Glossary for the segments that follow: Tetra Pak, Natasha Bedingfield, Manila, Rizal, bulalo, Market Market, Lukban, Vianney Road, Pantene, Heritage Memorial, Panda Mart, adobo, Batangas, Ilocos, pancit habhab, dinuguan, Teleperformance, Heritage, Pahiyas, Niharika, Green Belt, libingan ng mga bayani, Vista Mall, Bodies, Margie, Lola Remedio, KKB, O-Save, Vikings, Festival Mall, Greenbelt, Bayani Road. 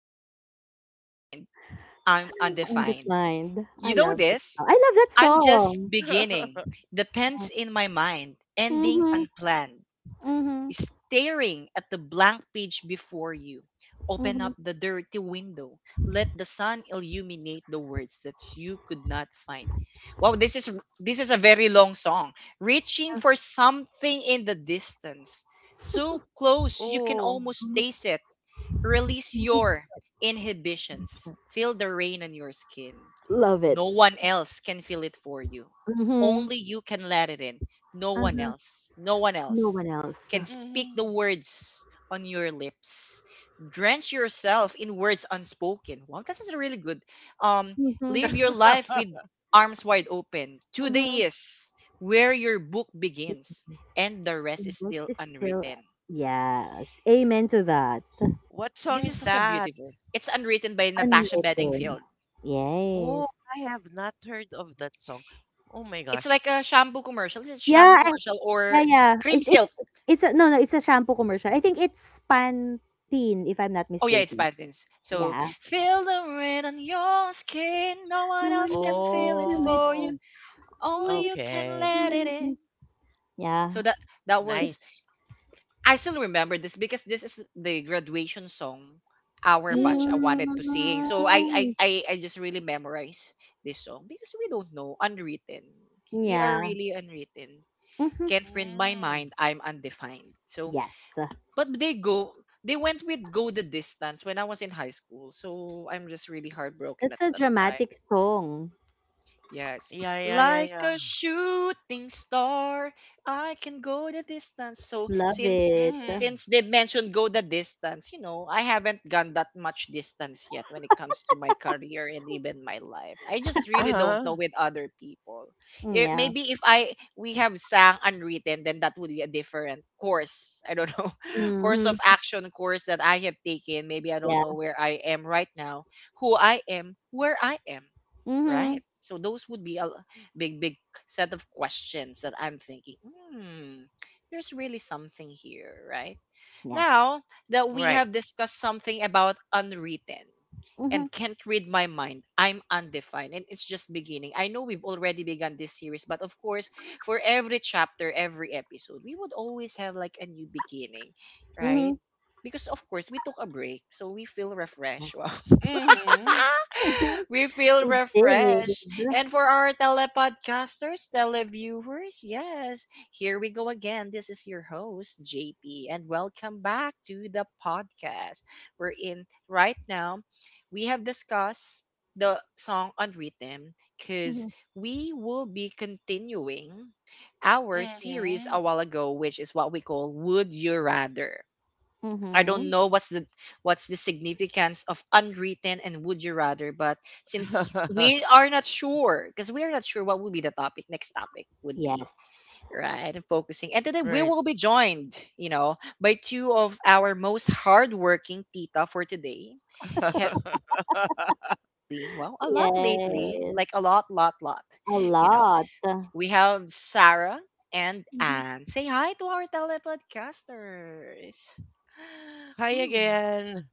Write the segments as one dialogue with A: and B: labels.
A: Can't read my mind. I'm undefined.
B: Undefined.
A: You
B: I
A: know
B: love that
A: this?
B: song. I love that
A: I'm just
B: song.
A: beginning. Depends in my mind. Ending
B: Mhm.
A: unplanned.
B: Mhm.
A: Staring at the blank page before you. Open up
B: Mhm.
A: the dirty window. Let the sun illuminate the words that you could not find. Wow, this is a very long song. Reaching for something in the distance. So close you can
C: Oh.
A: almost
B: Almost
A: taste it. Release
B: 20
A: your inhibitions. Feel
B: seconds.
A: the rain on your skin.
B: Love it.
A: No one else can feel it for you.
B: Mhm.
A: Only you can let it in. No one
B: Uh-huh.
A: else. No one
B: No
A: else
B: one else.
A: can speak the
C: Hmm.
A: words on your lips. Drench yourself in words unspoken. Wow, that is really good. Um,
B: Mhm.
A: live your life with arms wide open. Today
B: Mhm.
A: is where your book begins, and the rest is
B: Invest
A: still
B: is still
A: unwritten.
B: yes. Amen to that.
C: What
A: This
C: song
A: is
C: is
A: such a
C: that?
A: beautiful. It's unwritten by Natasha
B: Unwritten.
A: Bedingfield.
C: Oh,
B: Yes.
C: I have not heard of that song. Oh my
A: It's
C: gosh.
A: like a shampoo commercial. Is it shampoo
B: Yeah.
A: commercial
B: Yeah.
A: or
B: Yeah.
A: cream
B: It's
A: silk?
B: no no. It's a shampoo commercial. I think it's Pantene if I'm not
A: Oh yeah, it's
B: mistaken.
A: patterns. So
B: Yeah.
A: feel the rain on your skin. No
B: No
A: one else
B: one else
A: can
B: can
A: feel it
B: feel it
A: for
B: for
A: you.
C: Oh,
A: Only
B: me.
A: you can
C: okay.
A: let it in. So
B: Yeah.
A: that was.
C: Nice.
A: I still remember this because this is the graduation song our batch
C: Hmm.
A: I wanted to sing. So I I,
B: Mm,
A: I, I just really memorize this song because we don't know unwritten. We are
B: yeah.
A: really unwritten.
B: Mhm.
A: Can't win my
C: Hmm.
A: mind, I'm undefined. So,
B: Yes.
A: but they went with go the distance when I was in high school. So I'm just really heartbroken
B: It's
A: at
B: a
A: that time.
B: dramatic song.
A: Yes.
C: Yeah, yeah, yeah,
A: Like
C: yeah.
A: a shooting star, I can go the distance. So
B: Love
A: since
B: it.
C: Hmm.
A: since they mentioned go the distance, I haven't gone that much distance yet when it comes to my career and even my life. I just really don't know
C: Uh-huh.
A: with other people.
B: Mm,
A: It,
B: yeah.
A: maybe if I we have sang unwritten, then that would be a different course. I don't know. course of
B: Mhm.
A: action course that I have taken. Maybe I don't
B: Yeah.
A: know where I am right now, who I am, where I am, right?
B: Mhm.
A: So those would be a big, big set of questions that I'm thinking, hmm, there's really something here, right?
B: Yeah.
A: Now that we
C: Right.
A: have discussed something about unwritten
B: Mhm.
A: and can't read my mind, I'm undefined and it's just beginning. I know we've already begun this series, but of course, for every chapter, every episode, we would always have like a new beginning, right?
B: Mhm.
A: Because of course we took a break, so we feel
B: Yeah.
A: refreshed. Wow.
C: Hmm.
A: We feel
B: We did.
A: refreshed. And for our telepodcasters, televiewers, yes, here we go again. This is your host, JP, and welcome back to the podcast. We're in right now. We have discussed the song on rhythm because
B: Mhm.
A: we will be continuing our series
C: Hmm.
A: a while ago, which is what we call Would You Rather. I don't
B: Mhm.
A: know what's the significance of unwritten and would you rather, but since we are not sure, because we are not sure what will be the topic, next topic would be
B: Yes.
A: right and focusing. And today we
C: Right.
A: will be joined by two of our most hardworking tita for today. They have been a lot lately. Well, a lot lately, like a
B: Yes.
A: lot, lot, lot.
B: A
A: You know,
B: lot.
A: we have Sarah and
B: Mhm.
A: Anne. Say hi to our telepodcasters.
C: Hi
A: Whew.
C: again.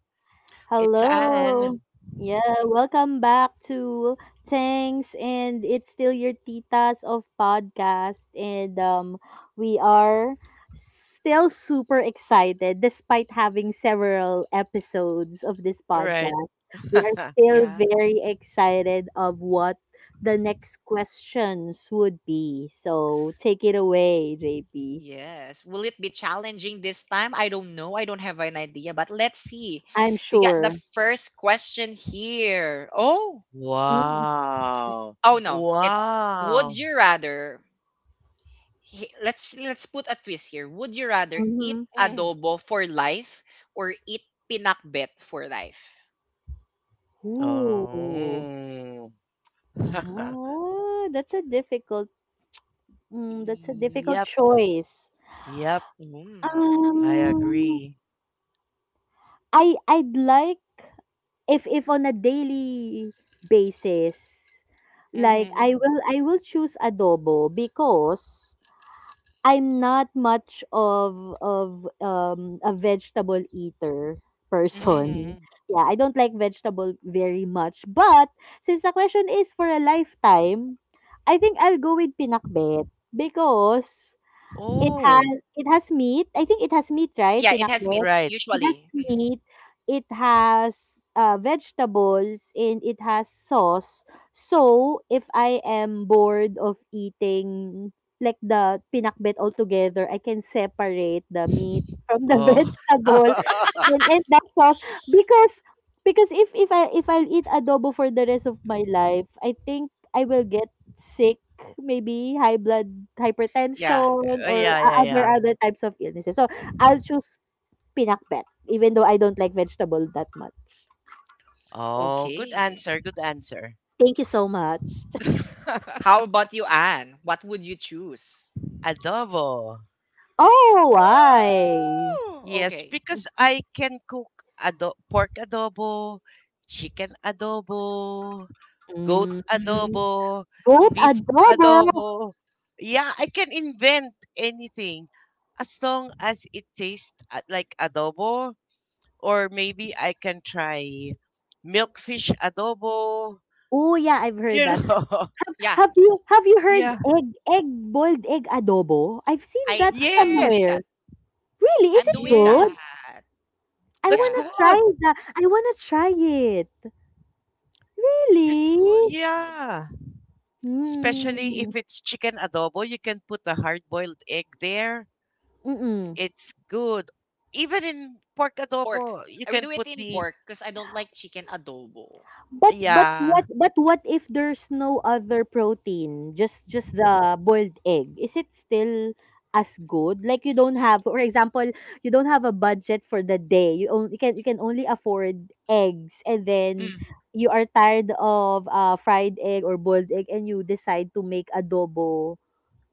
C: It's
A: Wow.
C: Anne.
B: Hello. Yeah, welcome back to thanks and it's still your titas of podcast, and we are still super excited despite having several episodes of this
C: All right.
B: podcast. We are still
A: Yeah.
B: very excited of what the next questions would be. So take it away, JP.
A: Yes. Will it be challenging this time? I don't know. I don't have an idea, but let's see.
B: I'm
A: We got the
B: sure.
A: first question here. Oh.
B: Mm-hmm.
C: Wow.
A: Oh no. It's would
C: Wow.
A: you rather let's put a twist here. Would you rather eat
B: Mm-hmm.
C: Mm.
A: adobo for life or eat pinakbet for life?
B: Ooh.
C: Oh.
B: Ah, that's a difficult that's a difficult
C: Yep.
B: choice.
C: Yep,
A: Mm.
C: I
B: Um,
C: agree.
B: I'd like if on a daily basis, like
C: Mm-hmm.
B: I will choose adobo because I'm not much of a vegetable eater
A: Mm-hmm.
B: person.
C: Mm-hmm.
B: Yeah, I don't like vegetable very much, but since the question is for a lifetime, I think I'll go with pinakbet because It has
C: Oh,
B: it has meat. I think it has meat, right,
A: Yeah, it has
B: pinakbet?
A: meat
C: right.
B: It has
A: usually.
B: meat, it has vegetables, and it has sauce. So, if I am bored of eating like the pinakbet altogether, I can separate the meat from the
C: Oh.
B: vegetable and that sauce because because if I'll eat adobo for the rest of my life, I think I will get sick, maybe high blood
A: Yeah.
B: hypertension
C: Oh,
B: or
C: yeah,
B: o
C: yeah,
B: other
C: yeah.
B: other types of illnesses. So, I'll choose pinakbet, even though I don't like vegetable that much.
C: Oh, good
A: Okay.
C: answer, good answer.
B: Thank you so much.
A: How about you, Anne? What would you choose?
C: Adobo.
B: Oh, why?
A: Woo!
C: Yes,
A: Okay.
C: because I can cook pork adobo, chicken adobo, goat
A: Hmm.
B: Mm,
C: adobo,
B: goat
C: beef
A: Hmm.
B: adobo.
C: adobo. Yeah, I can invent anything as long as it tastes like adobo, or maybe I can try milkfish adobo,
B: Oh yeah, I've heard
C: you
B: that.
C: know.
A: Yeah,
B: Have you heard
C: Yeah.
B: egg egg boiled egg adobo? I've seen that
A: I'm doing
C: Yes.
B: somewhere.
A: that.
B: Really, is
A: I'm
B: it
A: doing
B: good?
C: Yes.
A: that.
B: I
C: That's
B: wanna
A: Yeah,
B: try
C: good.
B: that. I wanna try it.
C: You,
A: it's good.
B: Really?
A: It's good.
C: yeah. Especially
B: Hmm.
C: if it's chicken adobo, you can put a hard boiled egg there.
B: Mm.
C: It's good. Even in pork
A: Pork.
C: adobo, you
A: I will
C: can
A: do it
C: put
A: in
C: the—
A: pork because I don't like chicken adobo.
B: But but
C: Yeah.
B: what but what if there's no other protein, just the boiled egg? Is it still as good? Like you don't have, for example, you don't have a budget for the day. You can you can only afford eggs and then
A: Mm.
B: you are tired of fried egg or boiled egg and you decide to make adobo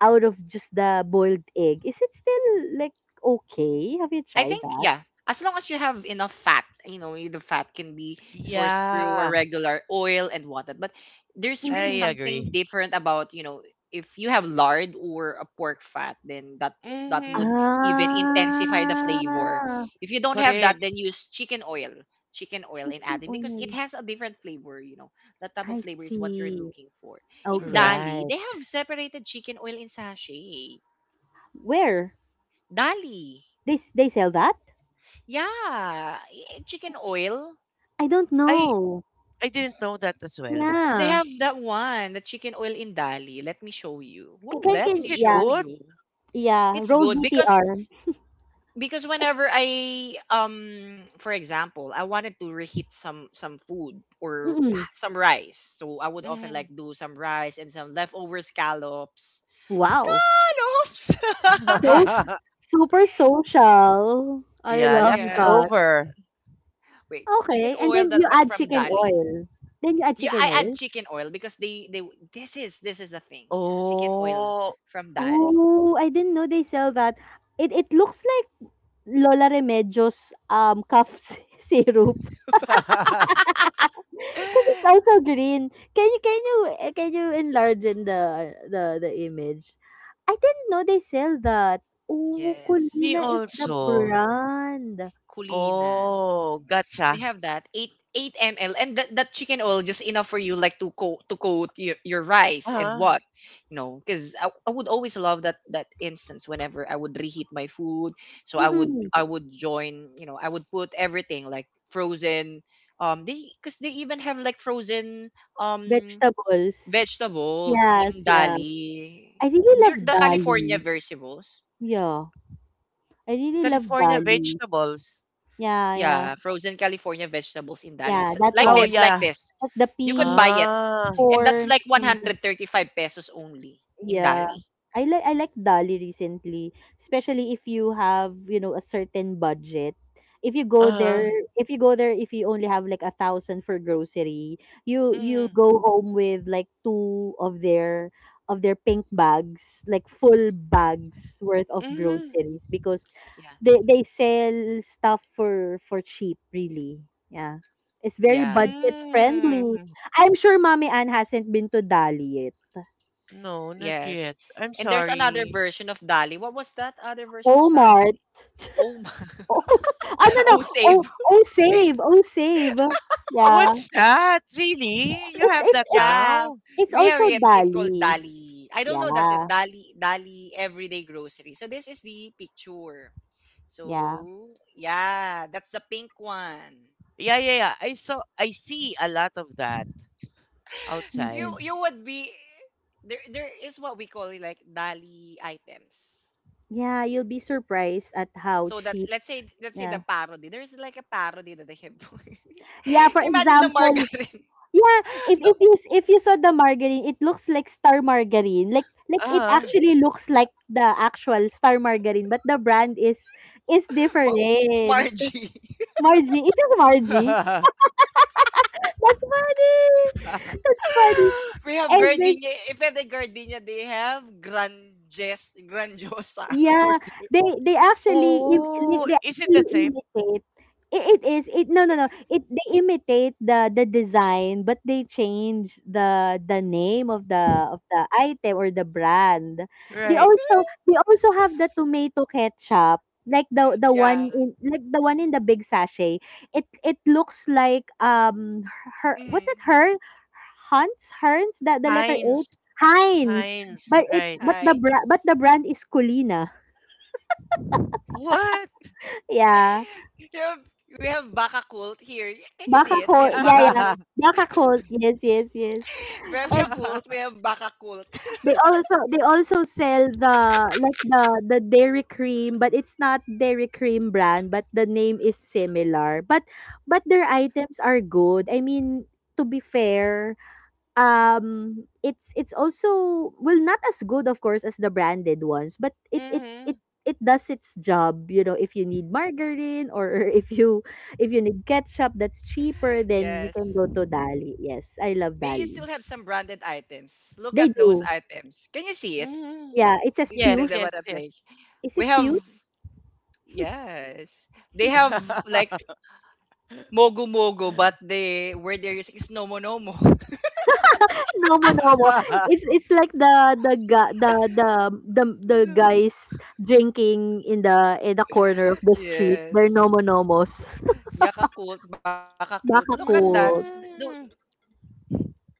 B: out of just the boiled egg. Is it still like okay? Have you
A: I
B: tried
A: think
B: that?
A: yeah, as long as you have enough fat, the fat can be sourced through a
C: Yeah.
A: regular oil and whatnot. But there's really
B: Mhm.
C: I
A: something
C: agree.
A: different about if you have lard or a pork fat, then that would
C: Hmm.
A: even intensify the flavor.
B: Ah.
A: If you don't have that,
C: Correct.
A: then use chicken oil and
B: Chicken
A: add it because it
B: oil.
A: has a different flavor. You know, that type of
B: I
A: flavor is what you're
B: see.
A: looking for. In
B: Okay.
A: Dali,
C: Right.
A: they have separated chicken oil in sachet.
B: Where?
A: Dali.
B: They sell that?
A: Yeah, chicken oil.
B: I don't
C: I
B: know.
C: I didn't know that as well.
A: They
B: Yeah.
A: have that one, the chicken oil in Dali. Let me show you. Whoa,
B: Can can,
A: let
B: can
C: Is
A: me
C: it
B: yeah.
A: show
C: good?
A: you.
B: Yeah,
A: It's
B: roll
A: good
B: VTR.
A: because whenever I for example, I wanted to reheat some food or
B: Mm-mm.
A: some rice. So I would often
C: Hmm.
A: like do some rice and some leftover scallops.
B: Wow.
A: Scallops.
B: So super social. I
C: Yeah,
B: love
A: yeah.
B: that.
C: leftover.
A: Wait, chicken
B: Okay, and
A: oil
B: then
A: that
B: you
A: was
B: add
A: from
B: chicken
A: Dali.
B: oil. Then you add
A: Yeah,
B: chicken
A: I add
B: oil.
A: chicken oil because they this is the thing. Chicken oil
C: Oh.
A: from Dali.
B: Oh, I didn't know they sell that. It looks like Lola Remedio's cough syrup. Because it's also green. Can you enlarge in the image? I didn't know they sell that. Oh,
C: Me
A: yes.
B: Colina is the
C: also.
B: brand.
A: Kulina.
C: Oh,
A: They
C: gotcha.
A: have that 8 ml and that chicken oil just enough for you like to coat your rice and
C: Ah,
A: what because I would always love that instance whenever I would reheat my food so I would
B: Mm-mm.
A: I would join I would put everything like frozen they because they even have like frozen um
B: Vegetables.
A: Vegetables,
B: Yes, yeah.
A: indali.
B: I really
A: They're
B: love
A: the California
B: Dali.
A: vegetables.
B: Yeah. I really love
C: California
B: Dali.
C: vegetables.
B: Yeah, yeah.
A: Yeah, frozen California vegetables indali.
B: Yeah, that
A: Like
C: Oh
B: one.
A: this, like
C: yeah.
A: this.
B: Like the
A: You could
B: peas,
A: buy it.
C: Ah.
A: And that's
B: corn.
A: like 135 pesos only in
B: Yeah.
A: dali.
B: I like Dali recently, especially if you have, you know, a certain budget. If you go
C: Uh-huh.
B: there, if you go there, if you only have like 1,000 for grocery, you
C: Hmm.
B: go home with like two of their pink bags, like full bags worth of
C: Hmm.
B: groceries because
A: Yeah.
B: they sell stuff for cheap, really. Yeah. It's very
A: Yeah.
B: budget friendly.
C: Mm.
B: I'm sure Mommy Ann hasn't been to Dali yet.
C: No, not
A: Yes.
C: yet. I'm
A: And there's another
C: sorry.
A: version of Dali. What was that other version of Dali?
B: Omar,
A: Oh,
B: oh, oh no no.
A: oh
B: Oh
A: save. Oh,
B: oh
A: save.
B: save. Oh save. Yeah.
C: What's that? Really? You
B: It's
C: have
B: it's
C: that
B: it's
A: Yeah,
C: now?
B: it's
A: we have
B: also
A: it. It's called
B: Dali.
A: Dali. I don't know. That's it.
B: Yeah.
A: Dali, Dali Everyday Grocery. So this is the picture.
B: Yeah.
A: So yeah, that's the pink one.
C: Yeah, yeah, yeah. I see a lot of that outside.
B: Mhm.
A: You would be there. There is what we call it like Dali items.
B: Yeah, you'll be surprised at how
A: So that
B: cheap.
A: let's say the
B: Yeah.
A: parody. There's like a parody that they have.
B: Yeah, for
A: Imagine the
B: example,
A: margarine,
B: yeah, if
A: the
B: if if you saw the margarine, it looks like star margarine. Like it
C: Uh-huh.
B: actually looks like the actual star margarine, but the brand is
A: ma-
B: different.
A: Margie.
B: Margie, it is Margie. That's funny. That's funny.
A: We have
B: And then
A: gardenia. If at the gardenia, they have granges, grandiosa for
B: yeah,
A: the,
C: Oh,
B: they
C: is it the
B: actually
C: same?
B: imitate. It is it no no no it they imitate the design but they change the name of the item or the brand. They
C: Right.
B: also they also have the tomato ketchup like the
A: yeah.
B: one in like the one in the big sachet. It looks like her what's it
A: Mm,
B: her Hans Herns that the letter H.
C: Heinz.
B: Heinz,
C: Heinz,
B: but it's
C: right.
B: but
A: nice.
B: the brand is Colina.
C: What?
B: Yeah,
A: We have, we have baka cult here. Can you
B: baka
A: see it? We
B: cold.
A: have
B: Yeah,
A: baka
B: yeah,
A: quilt.
B: baka cold. Yes, yes, yes.
A: Revia
B: And
A: quilt. We have baka cult.
B: they also sell the like the Dairy Cream, but it's not Dairy Cream brand, but the name is similar. But their items are good. I mean, to be fair, it's also well not as good of course as the branded ones but
C: Mm-hmm.
B: it does its job, you know, if you need margarine or if you need ketchup that's cheaper then you can
A: yes.
B: go to Dali. Yes, I love
A: They
B: Dali.
A: still have some branded items. Look
B: They
A: at those
B: do.
A: items. Can you see it?
C: Mm-hmm.
B: Yeah, it says
A: The, the, the,
B: Pew.
C: Yes,
A: the
C: yes,
A: what I
C: yes.
A: play.
B: Is
A: We
B: it
A: have,
B: Pew?
A: yes. They have like Mogo mogo, but the word they're using is Nomo Nomo.
B: No no no, it's it's like the guys drinking in the corner of the street, they're
A: Yes.
B: nomonomos.
A: Yakult, Bakult. Look at
B: Baka
A: that.
B: cool.
A: Do
C: Mm,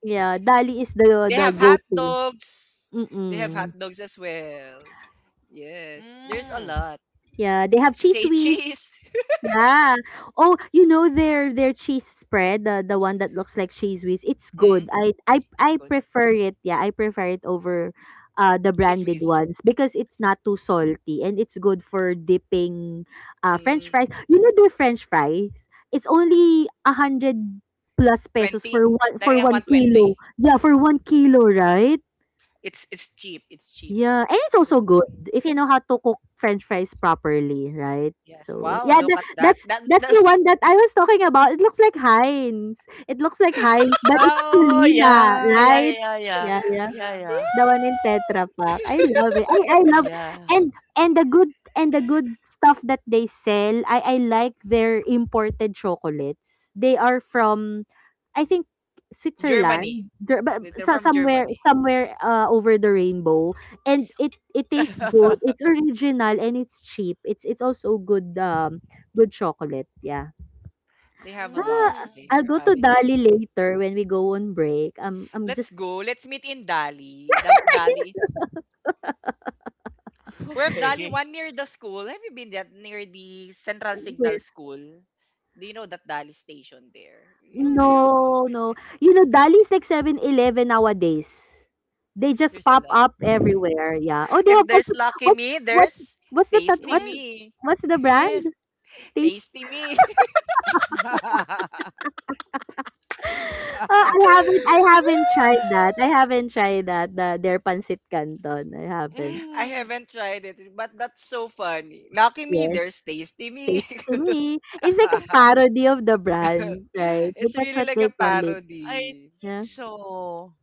B: Yeah, Dali is
A: they have
B: the
A: hot
B: go-to.
A: dogs? They have hot
B: Mm.
A: dogs as well. Yes. There's a
C: mm.
A: lot.
B: Yeah, they have cheese
A: Say
B: whiz.
A: cheese.
B: Yeah. Oh, you know their cheese spread, the one that looks like cheese whiz, it's
A: Mm,
B: good. I
A: it's good.
B: prefer it. Yeah, I prefer it over the
A: Cheese
B: branded
A: whiz.
B: ones because it's not too salty and it's good for dipping french fries.
A: Mm,
B: You know their french fries? It's only 100 plus pesos
A: 20?
B: for one
A: Dari
B: for
A: ang
B: one
A: 120.
B: kilo. Yeah, for 1 kilo, right?
A: It's cheap. It's cheap.
B: Yeah, and it's
A: So,
B: also good if you know how to cook French fries properly, right?
A: yes.
B: So
A: Wow,
B: yeah,
A: look at that. That,
B: that's
A: that
B: the one that I was talking about. It looks like Heinz. It looks like Heinz, but it's
C: Oh,
B: Kulina,
C: yeah, yeah,
B: right?
C: yeah, yeah,
B: Yeah, yeah.
C: yeah, yeah.
B: The one in Tetra Pak. I love it. I love
C: Yeah.
B: and the good stuff that they sell. I like their imported chocolates. They are from I think
A: Germany.
B: Switzerland, there, but
A: They're
B: so,
A: from
B: somewhere
A: Germany.
B: somewhere over the rainbow, and it tastes good. It's original and it's cheap. It's also good good chocolate. Yeah.
A: They have a lot
B: Ah,
C: Mm,
B: I'll
A: there.
B: go to
A: Honest
B: Dali
A: review.
B: later when we go on break. I'm
A: Let's
B: just
A: go. Let's meet in Dali. Dali. We have Dali
C: okay.
A: one near the school. Have you been that near the Central Signal
B: where.
A: School? Do you know that Dali station there? Yeah, they
B: No,
A: often
B: no.
A: have.
B: You know, Dali's like 7-Eleven nowadays. They just
A: There's a
B: pop
A: lot.
B: up everywhere. Yeah. Oh, they
A: If
B: have what?
A: there's Lucky
B: What?
A: Me,
B: What?
A: there's
B: What's the tat-
A: Tasty
B: what's
C: Mm,
A: Me.
B: what's the
C: yes.
B: brand? Taste.
A: Tasty Me.
B: I haven't. I haven't tried that. I haven't tried that. The their pancit canton. I haven't.
A: I
C: Mm,
A: haven't tried it, but that's so funny. Lucky me,
B: Yes,
A: there's tasty me.
B: tasty me. It's like a parody of the brand, right? But
A: It's
B: that's
A: really
B: what
A: like
B: they
A: a
B: call it.
C: I
A: parody.
C: think
B: Yeah.
C: so.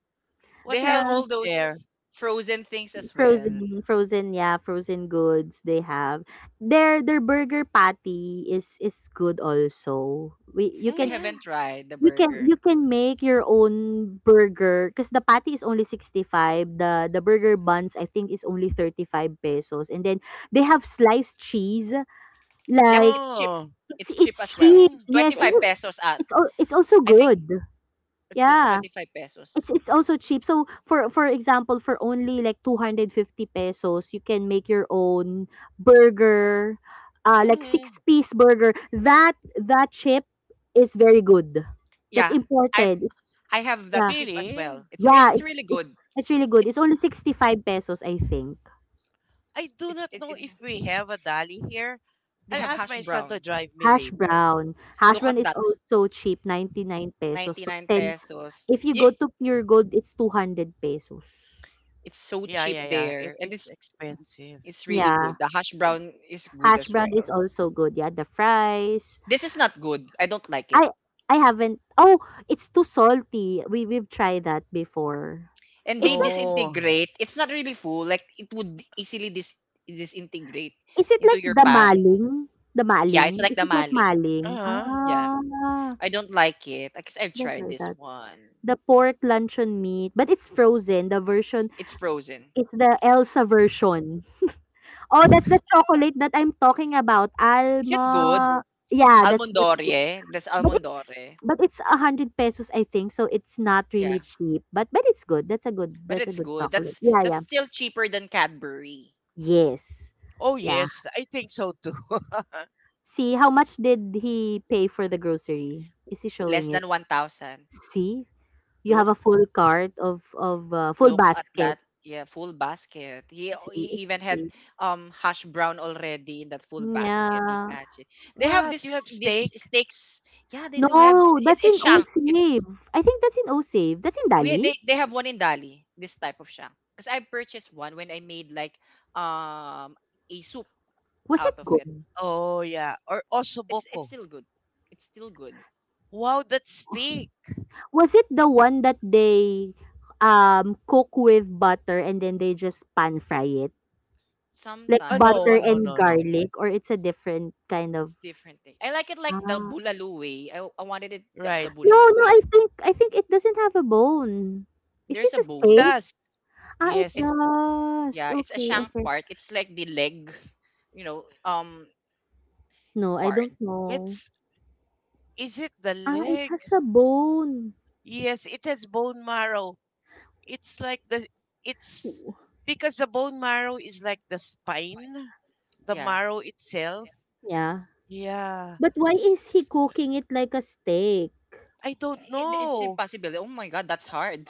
C: What
A: They have
C: else
B: Yeah.
A: all
C: is there?
A: those frozen things as well.
B: Frozen, frozen, yeah, frozen goods they have. Their burger patty is good also. We you
A: I
B: can
C: Mm-hmm.
A: haven't tried the
B: you can
A: burger.
B: you can make your own burger because the patty is only 65. The burger buns I think is only 35 pesos. And then they have sliced cheese.
A: Yep,
B: Like
A: it's cheap.
C: Oh.
A: It's cheap
B: it's
A: as well.
B: cheap.
C: Mm-hmm.
B: Yes,
A: 25 pesos at.
B: it's it's also
A: I think
B: good.
A: it's just
B: Yeah,
A: 25 pesos.
B: it's also cheap. So for example, for only like 250 pesos, you can make your own burger, like
C: Mm-hmm.
B: six-piece burger. That that chip is very good. That's
A: Yeah, I've
B: imported.
A: I have that
B: Yeah.
A: cheap as
C: Really?
A: well. It's re-
B: Yeah,
A: it's really
B: it,
A: good.
B: it's really good. It's
A: It's
B: only 65 pesos, I think.
C: I do
A: it's
C: not
A: it,
C: know
A: it
C: if we have a dolly here.
A: they
C: I'll
A: have
C: ask
A: hash
C: my son to
A: brown.
C: drive me
B: Hash
C: later.
B: brown. Hash
A: Look
B: brown
A: at
B: is
A: that.
B: also cheap, 99 pesos for
A: 99
B: 10.
A: pesos.
B: If you
A: Yeah,
B: go to Pure Gold, it's 200 pesos.
A: it's so
C: Yeah,
A: cheap
C: yeah, yeah. It
A: there and
C: is
A: it's
C: expensive.
A: it's really
B: Yeah.
A: good. The hash brown is good
B: Hash
A: as
B: brown is
A: well.
B: also good. Yeah, the fries,
A: This is not good. I don't like it.
B: I I haven't. Oh, it's too salty. We we've tried that before.
A: And they
B: It's like,
C: Oh.
A: disintegrate. It's not really full. Like it would easily disintegrate
B: is it
A: into
B: like
A: your
B: the
A: pan.
B: maling? The
A: Yeah, it's
B: maling?
A: like
B: Is
A: the
B: it like
A: maling.
B: maling?
C: Uh-huh.
A: Yeah.
B: Ah,
A: I don't like it. I guess I've
B: that's
A: tried
B: like
A: this
B: that.
A: one.
B: The pork luncheon meat, but it's frozen. The version
A: It's frozen.
B: it's the Elsa version. Oh, that's the chocolate that I'm talking about.
A: Is it good?
B: Alma. Yeah, that's good.
A: Almondore. That's
B: But it's
A: Almondore.
B: but it's 100 pesos, I think. So it's not
A: Yeah.
B: really cheap. But it's good. That's a good
A: But
B: that's a
A: it's
B: good
A: good.
B: chocolate.
A: That's
B: Yeah,
A: that's
B: yeah.
A: still cheaper than Cadbury.
B: Yes.
C: Oh
B: Yeah.
C: yes, I think so too.
B: See, how much did he pay for the grocery? Is he showing
A: Less
B: it?
A: than 1,000.
B: See, you have
A: Look,
B: a full cart of full
A: Look at
B: basket.
A: that. Yeah, full basket. He
B: See,
A: he
B: it's
A: even had
B: cheap.
A: hash brown already in that full basket.
B: Yeah.
A: Imagine. They have
C: What? You
A: this
C: have
A: this
C: steak?
A: steaks. Yeah, they do have
B: No,
A: it,
B: that's
A: it's
B: in
A: shank. It's
B: O-Save. I think that's in O-Save. That's in
A: we
B: Dali.
A: they, they have one in Dali, this type of shank. Because I purchased one when I made like um a soup
B: Was it
A: out of it.
B: good?
C: Oh, yeah. Or
A: It's
C: ossobuco.
A: still good. It's still good.
C: Wow, that's thick.
B: Was it the one that they cook with butter and then they just pan fry it? Like
C: Oh,
A: Sometimes. But
B: butter
C: no,
A: what
C: no,
B: and
C: no, no.
B: garlic or it's a different kind of
A: it's different thing. I like it like the
B: ah.
A: bulalo way. I wanted it the
C: Right.
B: No,
A: bulalo
B: no,
A: way.
B: I think it doesn't have a bone. Is it
A: There's a
B: a
C: It
B: steak?
A: bone.
C: does.
B: Ah, it
C: Yes.
A: It's
B: does.
A: Yeah, it's a
B: Okay,
A: shank
B: okay.
A: part. It's like the leg, you know, um
B: No, I
A: part.
B: don't know.
C: It's, is it the
B: Ah, it
C: leg?
B: has a bone.
C: Yes, it has bone marrow. It's like the, it's,
B: W-
C: because the bone marrow is like the spine, the
A: Yeah.
C: marrow itself.
B: Yeah.
C: Yeah.
B: But why is he
C: S-
B: cooking it like a steak?
C: I don't
A: It's
C: know.
A: impossible. Oh my god, that's hard.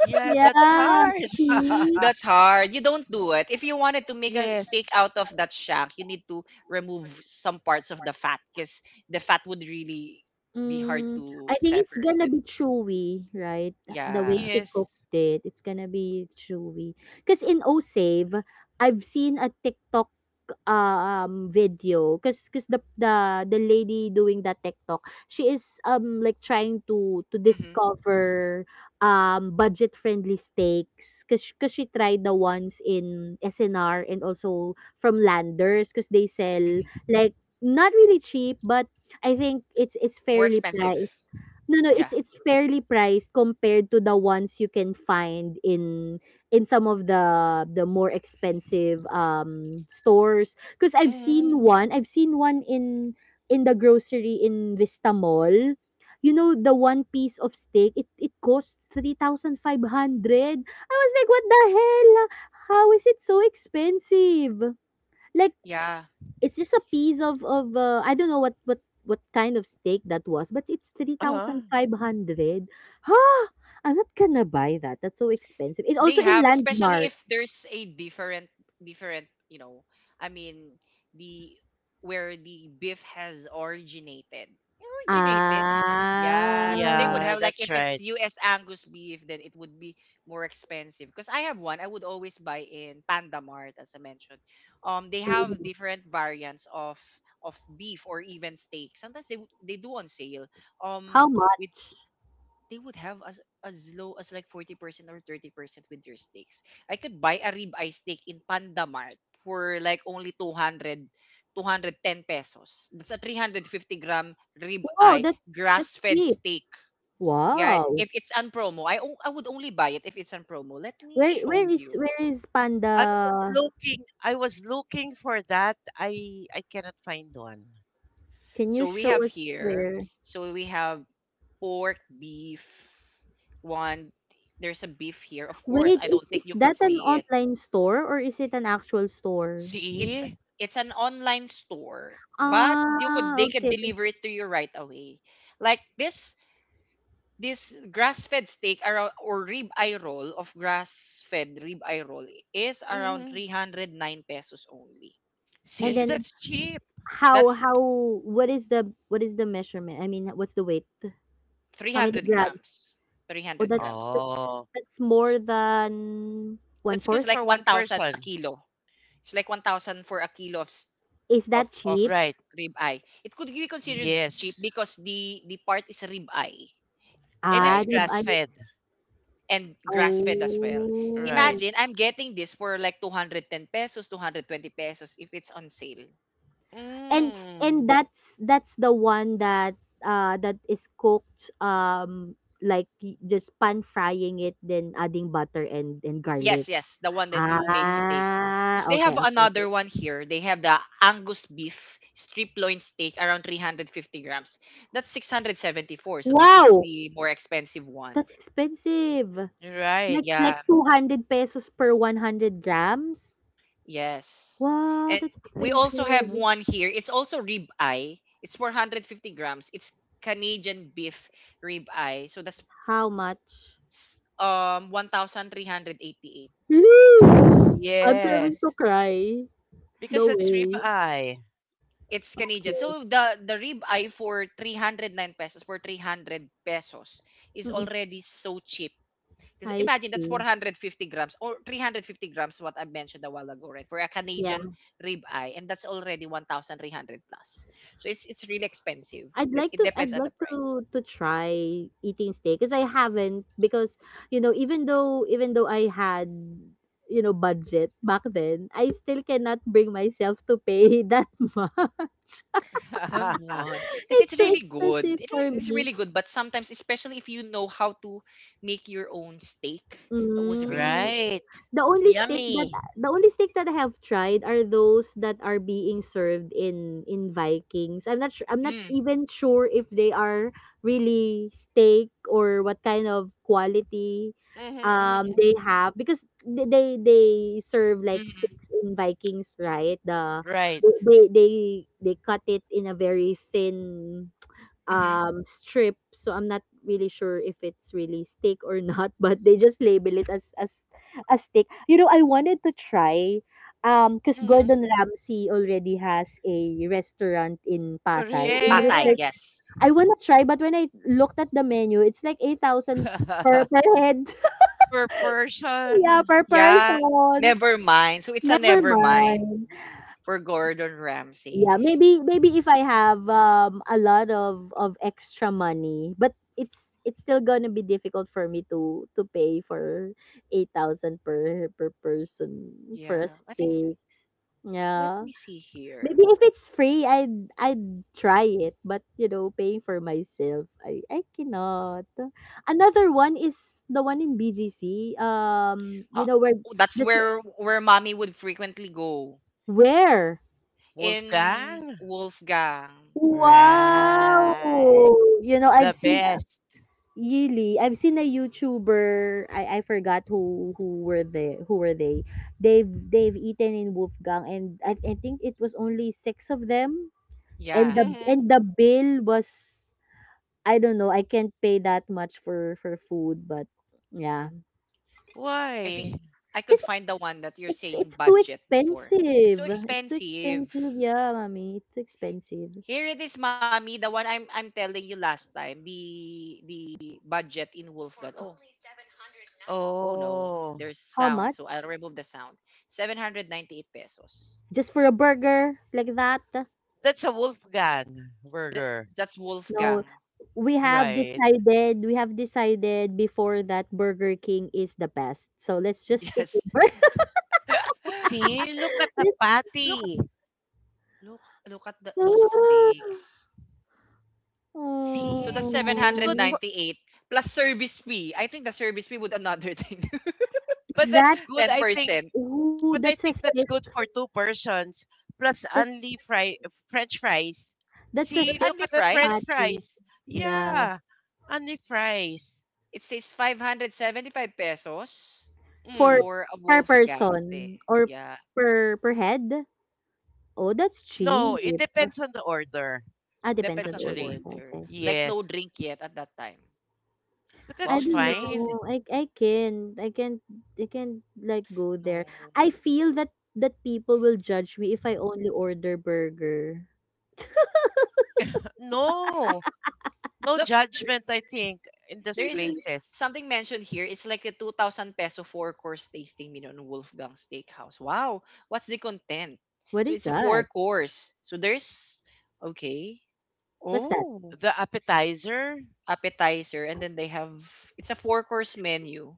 C: Yeah, that's
B: Yeah,
C: hard.
B: see?
A: That's hard. You don't do it. If you wanted to make a steak
C: Yes.
A: out of that shank, you need to remove some parts of the fat because the fat would really be hard
B: Mm, I
A: to
B: think it's
A: separate
B: gonna
A: it.
B: be chewy, right? The way
A: Yeah.
B: she
C: Yes.
B: cooked it, it's gonna be chewy. Because in O Save, I've seen a TikTok video because the lady doing that TikTok, she is like trying to
A: Hmm.
B: discover budget friendly steaks because she tried the ones in SNR and also from Landers because they sell
A: Hmm.
B: like not really cheap, but I think it's
A: More
B: fairly
A: expensive.
B: priced. No, no, it's
A: Yeah.
B: it's fairly priced compared to the ones you can find in some of the more expensive stores. Because
C: Mm-hmm.
B: I've seen one in the grocery in Vista Mall. You know, the one piece of steak, it costs 3,500. I was like, what the hell? How is it so expensive? Like.
A: Yeah.
B: It's just a piece of, I don't know what kind of steak that was, but it's
C: Uh-huh.
B: 3,500. Huh! I'm not gonna buy that. That's so expensive. It's
A: They
B: also in
A: have, especially
B: Landmark.
A: if there's a different, I mean, the where the beef has originated. Yeah, so they
B: Ah.
A: would
C: Yeah,
A: have like,
C: that's
A: if it's
C: right.
A: US Angus beef, then it would be more expensive because I have one I would always buy in Panda Mart, as I mentioned. They have different variants of beef or even steak. Sometimes they would- they do on sale.
B: How
A: Um with
B: much?
A: They would have as low as like 40% or 30% with their steaks. I could buy a ribeye steak in Panda Mart for like only 200, 210 pesos. That's a 350-gram
B: Wow,
A: ribeye
B: that's
A: grass-fed
B: cheap.
A: steak. Yeah,
B: Wow.
A: if it's on promo, I would only buy it if it's on promo. Let me
B: Where
A: show
B: where is
A: you.
B: where is Panda?
C: I was looking for that. I cannot find one.
B: Can you
A: So we
B: show
A: have
B: us
A: here,
B: where?
A: so we have pork, beef, one. There's a beef here. Of course,
B: Wait,
A: I don't
B: is,
A: think
B: is
A: you could
B: that an
A: see.
B: online store or is it an actual store?
A: It's
C: See?
A: it's an online store, but you could
B: Ah,
A: they could
B: okay.
A: deliver it to you right away. Like this grass-fed steak around, or rib eye roll of grass-fed rib eye roll, is around
C: Hmm.
A: 309 pesos only.
B: And
A: This
C: See,
A: is it.
B: then,
C: that's cheap.
A: That's
B: How what is the measurement? I mean, what's the weight? How many
A: 300
B: grams?
A: grams.
B: Oh,
A: 300
B: that
A: grams.
B: that's
C: Oh,
B: that's more than one
C: that's good
A: It's
B: fourth.
A: like
C: for one
A: 1,000 a
C: person.
A: kilo. It's like 1,000 for a kilo of s-
B: Is that
A: of
B: cheap?
C: Right.
A: rib eye. It could be considered cheap
C: Yes.
A: because the part is rib eye,
C: And
B: Ah,
C: it's
A: right?
B: di
C: grass
B: ba?
C: fed.
A: And grass fed as well.
C: Right.
B: Oh,
A: Imagine I'm getting this for like 210 pesos, 220 pesos if it's on sale.
B: and and
C: Mm.
B: that's the one that is cooked, like, just pan frying it then adding butter and garlic.
A: Yes, yes, the one that you made steak.
B: Ah,
A: Because they
B: okay,
A: have
B: okay,
A: another
B: okay.
A: one here. They have the Angus beef strip loin steak around 350 grams. That's 674. So this is
B: Wow,
A: the more expensive one.
B: that's expensive.
C: Right.
B: Like
A: Yeah,
B: 200 pesos per 100 grams?
A: yes.
B: Wow,
A: And
B: that's
A: we also have
B: expensive.
A: one here. It's also rib eye. It's 450 grams. It's Canadian beef rib eye. So that's
B: How much?
A: 1,388.
B: I'm going to
C: Yes.
B: cry.
C: Because
B: No
C: it's
B: way.
C: ribeye.
A: It's Canadian.
B: Okay.
A: So the rib eye for 309 pesos, for 300 pesos, is
B: Mm-mm.
A: already so cheap. Because
B: I
A: imagine that's
B: see.
A: 450 grams or 350 grams, what I mentioned a while ago, right? For a
B: Yeah.
A: Canadian rib eye, and that's already 1,300 plus. So it's really expensive.
B: I'd
A: De-
B: like
A: It
B: to
A: depends
B: I'd
A: on
B: like
A: the price.
B: to to try eating steak because I haven't, because, even though I had, budget back then, I still cannot bring myself to pay that much.
A: Have one because
B: It's
A: it's
B: too
A: really good.
B: expensive
A: It
B: for
A: re- it's
B: me.
A: really good, but sometimes, especially if you know how to make your own steak, that was really
B: Mm.
A: good.
C: Right.
B: The only steak that
C: Yummy.
B: the only steak that I have tried are those that are being served in Vikings. I'm not sure, I'm not
A: Mm.
B: even sure if they are really steak or what kind of quality
C: Mm-hmm, mm-hmm,
B: they
C: mm-hmm.
B: have, because they serve like
A: Mhm.
B: steaks in Vikings, right?
C: Right.
B: They they they they cut it in a very thin,
A: Mhm.
B: strip, so I'm not really sure if it's really steak or not, but they just label it as a steak. I wanted to try, 'cause
C: Mm-hmm.
B: Gordon Ramsay already has a restaurant in Pasay. In
A: Pasay,
B: Rizal.
C: Correct.
A: yes.
B: I wanna try, but when I looked at the menu, it's like 8,000 per head.
C: Per
B: Yeah,
C: person.
B: per
A: Yeah,
B: person.
A: never mind. So it's a
B: Never
A: never mind
B: mind.
A: for Gordon Ramsay.
B: Yeah, maybe if I have, a lot of extra money, but it's still gonna be difficult for me to pay for 8,000 per person
A: Yeah,
B: for a
A: I think.
B: steak.
A: Let
B: Yeah.
A: me see here.
B: Maybe if it's free, I'd try it, but, paying for myself, I cannot. Another one is the one in BGC. You
A: Uh,
B: know where
A: that's
B: this,
A: where mommy would frequently go,
B: where?
A: in
C: Wolfgang?
A: Wolfgang.
B: Wow!
C: Right.
B: You know, I've
C: The
B: seen,
C: best.
B: really, I've seen a YouTuber. I forgot who were they. They've eaten in Wolfgang, and I think it was only six of them. And
A: Yeah,
B: the and
C: Hmm.
B: the bill was, I don't know. I can't pay that much for food, but yeah,
A: I think
C: Why?
A: I could
B: because
A: find the one that you're
B: it's
A: saying,
B: it's too
A: budget before. It's so
B: expensive. It's too
A: expensive.
B: expensive. Yeah, mommy, it's too expensive.
A: Here it is, mommy. The one I'm telling you last time. The budget in Wolfgang. Oh, Oh no,
C: Oh,
A: there's
B: How much?
A: sound. So I'll remove the sound. 798 pesos.
B: Just for a burger like that?
C: that's a Wolfgang
A: S-
C: burger.
A: That's
B: No,
A: Wolfgang.
B: we have
C: Right.
B: decided we have decided before that Burger King is the best. So let's just stick with
A: Yes.
B: Burger.
C: See, look at the
B: let
A: look at
C: patty.
A: look look at those steaks. So that's
C: See, it's good
B: Oh,
C: for—
A: 798 plus service fee. I think the service fee would another thing.
C: but
B: is that,
C: that's good, I think.
A: 10%.
B: ooh, that's
C: But
B: a
C: I think
B: thick,
C: that's good for two persons plus
B: that
C: only fry— French fries.
B: that's a
A: Is it
C: See,
B: thick
C: look
A: under
C: at the French
A: price?
B: patty.
C: fries.
B: Yeah.
C: Yeah, only fries.
A: It says 575 pesos
B: For
C: Mm.
A: for a
B: Per
A: Wolfgang steak.
B: person or
A: Yeah,
B: per head? Oh, that's
C: No, it
B: cheap.
C: depends on the order,
B: Ah, depends on
A: depends
B: the
A: on the
B: order.
C: actually.
A: order.
B: Okay.
A: Like no
C: Yes,
A: drink yet at that time.
C: but
B: I
A: Wow,
C: that's
A: this,
B: don't
A: this is.
C: fine.
B: know. I can't. I can't. I can't like go there.
A: No.
B: I feel that people will judge me if I only order burger.
C: No, no
A: Look,
C: judgment, I think, in those
A: there is
B: Mm,
C: places.
A: something mentioned here. It's like a 2,000 peso four course tasting meal on Wolfgang Steakhouse. Wow. What's the content?
B: What
A: So
B: is
A: it's a four
B: that?
A: course. So there's, okay.
B: What's that?
A: Oh,
C: The appetizer
A: appetizer. And then they have, it's a four course menu,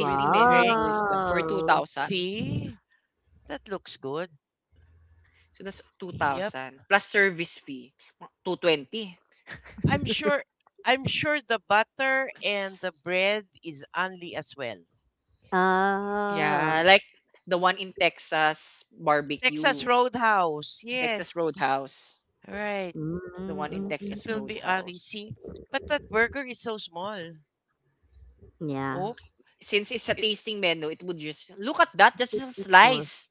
C: with
A: menu in
C: drinks.
A: Wolfgang for 2,000.
C: See, that looks good.
A: So that's
C: Yep.
A: 2,000 plus service fee, 220.
C: I'm sure I'm sure the butter and the bread is only as well.
A: Yeah,
B: Ah.
A: like the one in Texas
C: Texas
A: barbecue.
C: Roadhouse.
A: Texas
C: Yes.
A: Roadhouse,
C: Right.
B: Mm,
A: the
B: mm,
A: one in
B: mm, mm,
C: It
A: Texas
C: will
B: mm.
C: be only.
A: Roadhouse.
C: See, but that burger is so small.
B: Yeah.
C: Oh,
A: Since it's a
C: it,
A: tasting menu, it would just look at that. That's
B: It's
A: a
B: too small.
A: slice.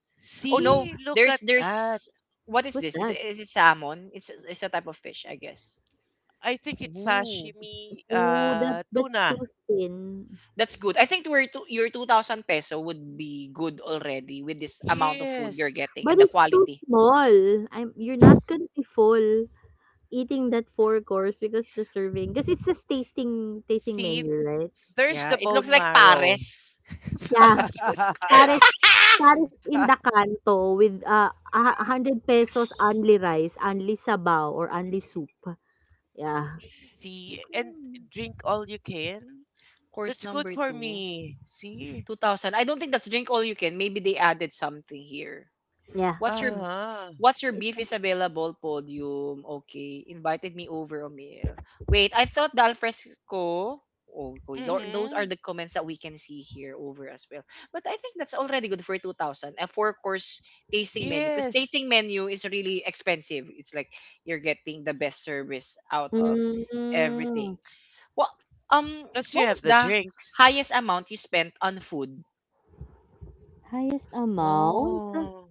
A: Oh no,
C: see, look
A: there's
C: at that.
A: there's what is
B: What's
A: this? Is it,
B: that?
A: is it salmon? It's a type of fish, I guess.
C: I think it's
A: Ooh,
C: sashimi
B: Oh, that that's
C: tuna.
B: too thin.
A: that's good. I think where two, your 2,000 peso would be good already with this amount of food you're
C: Yes.
A: getting
B: But
A: and the
B: it's too
A: quality.
B: small. I'm. You're not gonna be full. Eating that 4 course, because the serving because it's a tasting
C: See,
B: menu, right?
C: there's
A: Yeah,
C: the
A: it looks
C: bone
A: like
C: marrow.
A: Paris.
B: Yeah,
A: Paris.
B: pares pares in the kanto with, a ₱100 pesos only rice, only sabaw or only soup. Yeah.
C: See, and drink all you can.
A: Course
C: That's good
A: number
C: for
A: two.
C: me. See?
A: 2,000. I don't think that's drink all you can. Maybe they added something here.
B: Yeah.
A: What's your
C: Uh-huh.
A: What's your
B: It's
A: beef
B: an,
A: is available podium? Okay, invited me over a meal. Wait, I thought the alfresco. Okay, those
C: Mm-hmm.
A: are the comments that we can see here over as well. But I think that's already good for 2,000. A four course tasting menu. Because
C: Yes,
A: tasting menu is really expensive. It's like you're getting the best service out of everything.
B: mm,
A: What, um,
C: because you
A: what was
C: have the
A: the
C: drinks.
A: highest amount you spent on food?
B: highest amount?
C: Oh,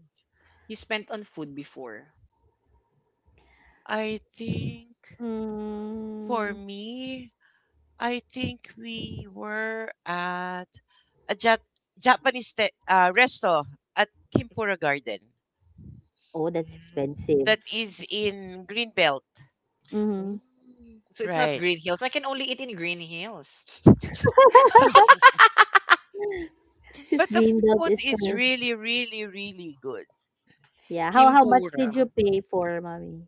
A: You spent on food before.
C: I think for
B: Mm.
C: me, I think we were at a Japanese resto at Kimpura Garden
B: Oh, that's
A: Mm.
B: expensive.
C: that is
A: That's,
C: in Greenbelt,
A: mm.
B: Mhm.
A: So it's not
C: right?
A: Green Hills. I can only eat in Green Hills.
B: 'Cause
C: But the
B: green belt
C: food
B: is
C: is
B: for,
C: really, really, really good.
B: yeah, how much
A: Kimpura.
B: did you pay for, mommy?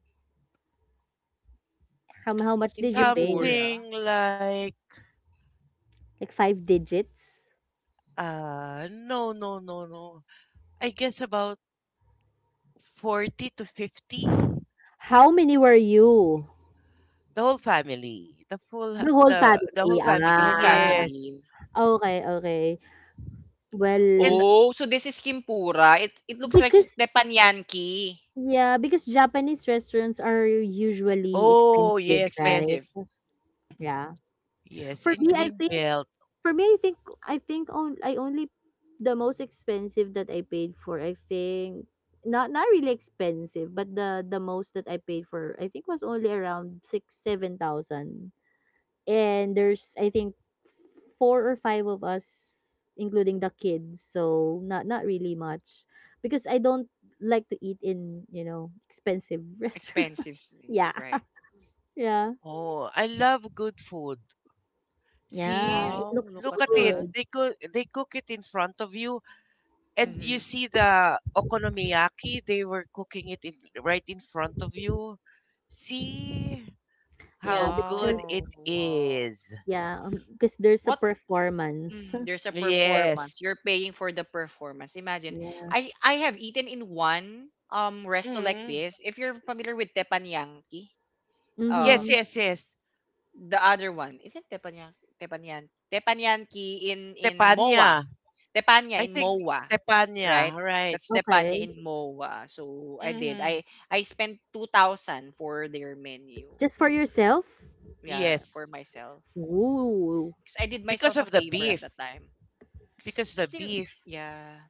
B: How much
A: In
B: did you pay?
A: Kimpura,
C: Something like
B: Like 5 digits?
C: no no no no. I guess about 40 to 50,
B: How many were you?
C: the whole family, the full h-
B: The whole
C: the
B: family,
C: whole family.
A: the whole
B: ah,
C: Yes
A: family.
B: okay, okay.
C: and
B: Well,
A: Oh, so this is Kimpura. It looks like
B: because
A: teppanyaki.
B: yeah, because Japanese restaurants are usually
C: oh
B: expensive,
C: yes yes
B: right?
A: Expensive.
B: Yeah.
C: yes,
B: For
C: in
B: me, I think,
C: Greenbelt.
B: for me, I think on I only the most expensive that I paid for, I think, not, not really expensive, but the most that I paid for, I think, was only around six, 7,000. And there's, I think, four or five of us, including the kids. So not, not really much, because I don't like to eat in, expensive restaurants.
A: Expensive things,
B: Yeah,
A: right?
B: yeah,
C: Oh, I love good food.
B: yeah. It
C: See,
A: Wow,
B: looks
A: look
C: look
A: at
C: at it,
A: that.
B: good.
C: they cook, they cook it in front of you, and you
A: Mm-hmm.
C: see the okonomiyaki they were cooking it in, right in front of you. See
B: Yeah,
C: how good
B: because,
C: it
A: Wow, wow.
C: is.
B: yeah, because there's a
A: What
B: performance.
A: There's a
C: Yes.
A: performance. You're paying for the performance. Imagine,
B: Yeah.
A: I have eaten in one resto like
C: Mm.
A: this. If you're familiar with teppanyaki, um
C: Yes,
B: Mhm.
C: yes, yes.
A: the other one, is it teppanyaki? Teppanyan teppanyaki in Moa.
C: Tepanya.
A: Tepanya
C: I
A: in
C: think
A: Moa,
C: Tepanya,
A: right?
C: right.
A: That's Tepanya
B: Okay.
A: in Moa. So I did.
C: Mhm.
A: I spent 2,000 for their menu.
B: Just for yourself.
A: Yeah, for
C: Yes.
A: myself.
B: Ooh.
A: Cause I did
C: Because
A: myself a
C: of the
A: favor at
C: beef.
A: the time.
C: Because the
A: Kasi
C: beef,
A: yeah.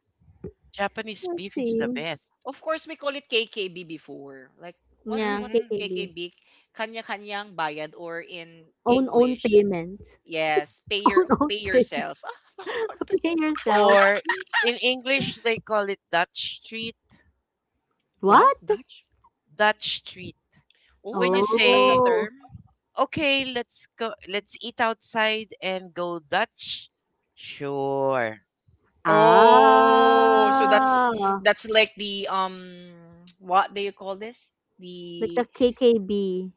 C: Japanese
B: I
C: beef is the
B: see.
C: best.
A: Of course, we call it KKB before. Like, what's
B: Yeah.
A: what's
C: Mhm.
B: KKB.
A: KKB? Kanya-kanyang bayad, or in
B: Own own
A: English,
B: payment.
A: yes, pay your
B: Own own
A: pay
B: payment.
A: yourself. Ah, hold on, pay.
B: Pay yourself.
C: Or in English they call it Dutch treat.
A: Wow,
B: What?
A: Dutch.
C: Dutch treat.
A: Oh,
C: When you
A: that's a
C: say,
B: Oh.
A: term.
C: "Okay, let's go— let's eat outside and go Dutch." Sure.
A: Oh, so that's
B: Ah,
A: that's like the what do you call this?
B: like the
A: The
B: KKB.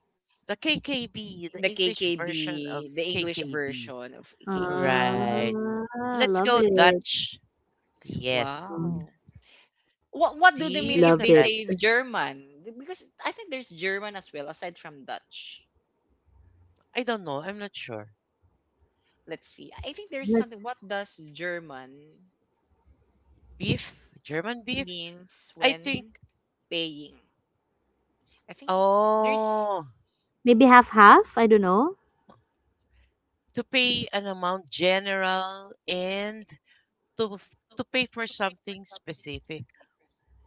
C: The KKB, the
A: the
C: English version of
A: KKB, the English
C: KKB.
A: version of KKB.
C: Right.
B: Ah,
C: Let's
B: love
C: go
B: it.
C: Dutch. Yes.
B: Mm,
A: Wow.
B: love
A: What
B: it.
A: what do they mean
C: See,
A: if
C: look at
A: they
C: that.
A: say German? Because I think there's German as well, aside from Dutch.
C: I don't know. I'm not sure.
A: Let's see. I think there's
B: Let's
A: something. What does German
C: Beef, German beef.
A: means
C: I think.
A: when paying? I think there's
C: Oh,
B: Maybe half half, I don't know.
C: to pay an amount general and to pay for something specific.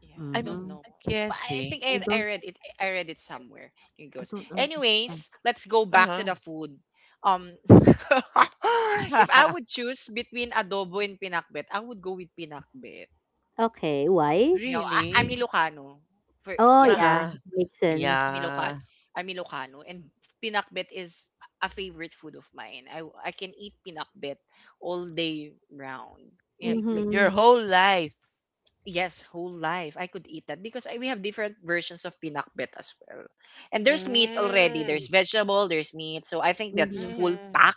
A: yeah. I
C: I'm
A: don't
B: Mm-hmm.
A: know. But I
C: guessing.
A: think
B: I
A: I
B: don't
A: read it somewhere. It
B: I
A: goes.
B: don't understand.
A: Anyways, let's go back to
C: Uh
A: the food. Um, if I
C: huh.
A: would choose between adobo and pinakbet, I would go with pinakbet.
B: Okay, why?
A: You know, I'm
C: Really?
A: Ilocano. For,
B: Oh
C: Uh
A: yeah,
B: yeah,
C: huh.
A: first.
B: makes sense.
A: Ilocano.
C: Yeah.
A: I'm Ilocano, and pinakbet is a favorite food of mine. I can eat pinakbet all day round. You know, like,
C: Your
B: Mhm.
C: whole life.
A: yes, whole life I could eat that because we have different versions of pinakbet as well. And there's meat already.
C: Mm.
A: There's vegetable. There's meat. So I think that's
B: Mhm.
A: full
C: Mm.
A: pack.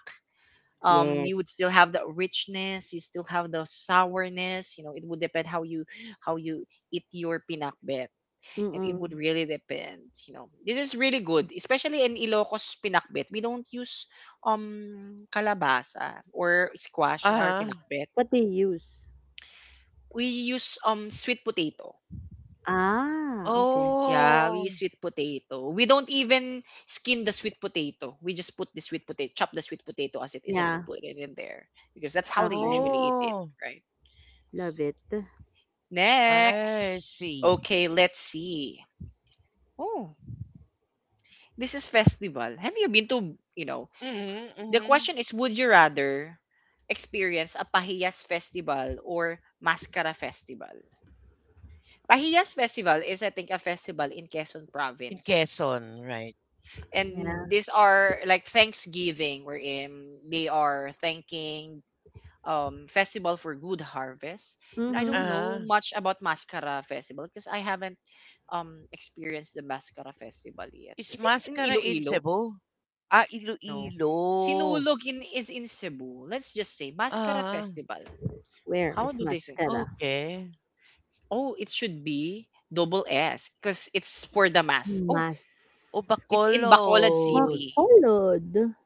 B: Yes.
A: You would still have the richness. You still have the sourness. You know, it would depend how you eat your pinakbet. And it would
B: Mm-mm.
A: really depend, you know. This is really good, especially in Ilocos pinakbet. We don't use kalabasa or squash in
C: Uh
A: our
C: huh.
A: pinakbet.
B: What do you use?
A: We use sweet potato.
B: Ah, okay.
A: Yeah, we use
C: Oh.
A: sweet potato. We don't even skin the sweet potato. We just put the sweet potato, chop the sweet potato as it is, and
B: Yeah.
A: put it in there because that's how they
B: Okay.
A: usually eat it,
C: Oh.
A: right?
B: Love it.
C: I
A: Next.
C: see.
A: Okay, let's see. Oh, this is festival. Have you been to, you know,
C: Mm-hmm,
A: the
C: mm-hmm.
A: question is, would you rather experience a Pahiyas festival or Mascara festival? Pahiyas festival is, I think, a festival in Quezon
C: In
A: province.
C: Quezon, right.
A: And
B: Yeah.
A: these are like Thanksgiving wherein they are thanking festival for good harvest. And I don't
B: Mhm.
A: know
C: Ah.
A: much about Mascara festival because I haven't experienced the Mascara festival yet.
C: Is
A: Is it in
C: mascara in
A: Iloilo?
C: Cebu? Ah,
A: No.
C: Iloilo.
A: Sinulog in is in Cebu. Let's just say Mascara
C: Ah,
A: Festival.
B: Where
A: How
B: is
A: do they say?
B: mascara?
C: okay.
A: Oh, it should be SS because it's for Damas. Oh,
C: O
B: Mas.
A: it's in Bacolod
C: Bacolod.
A: City.
B: Bacolod?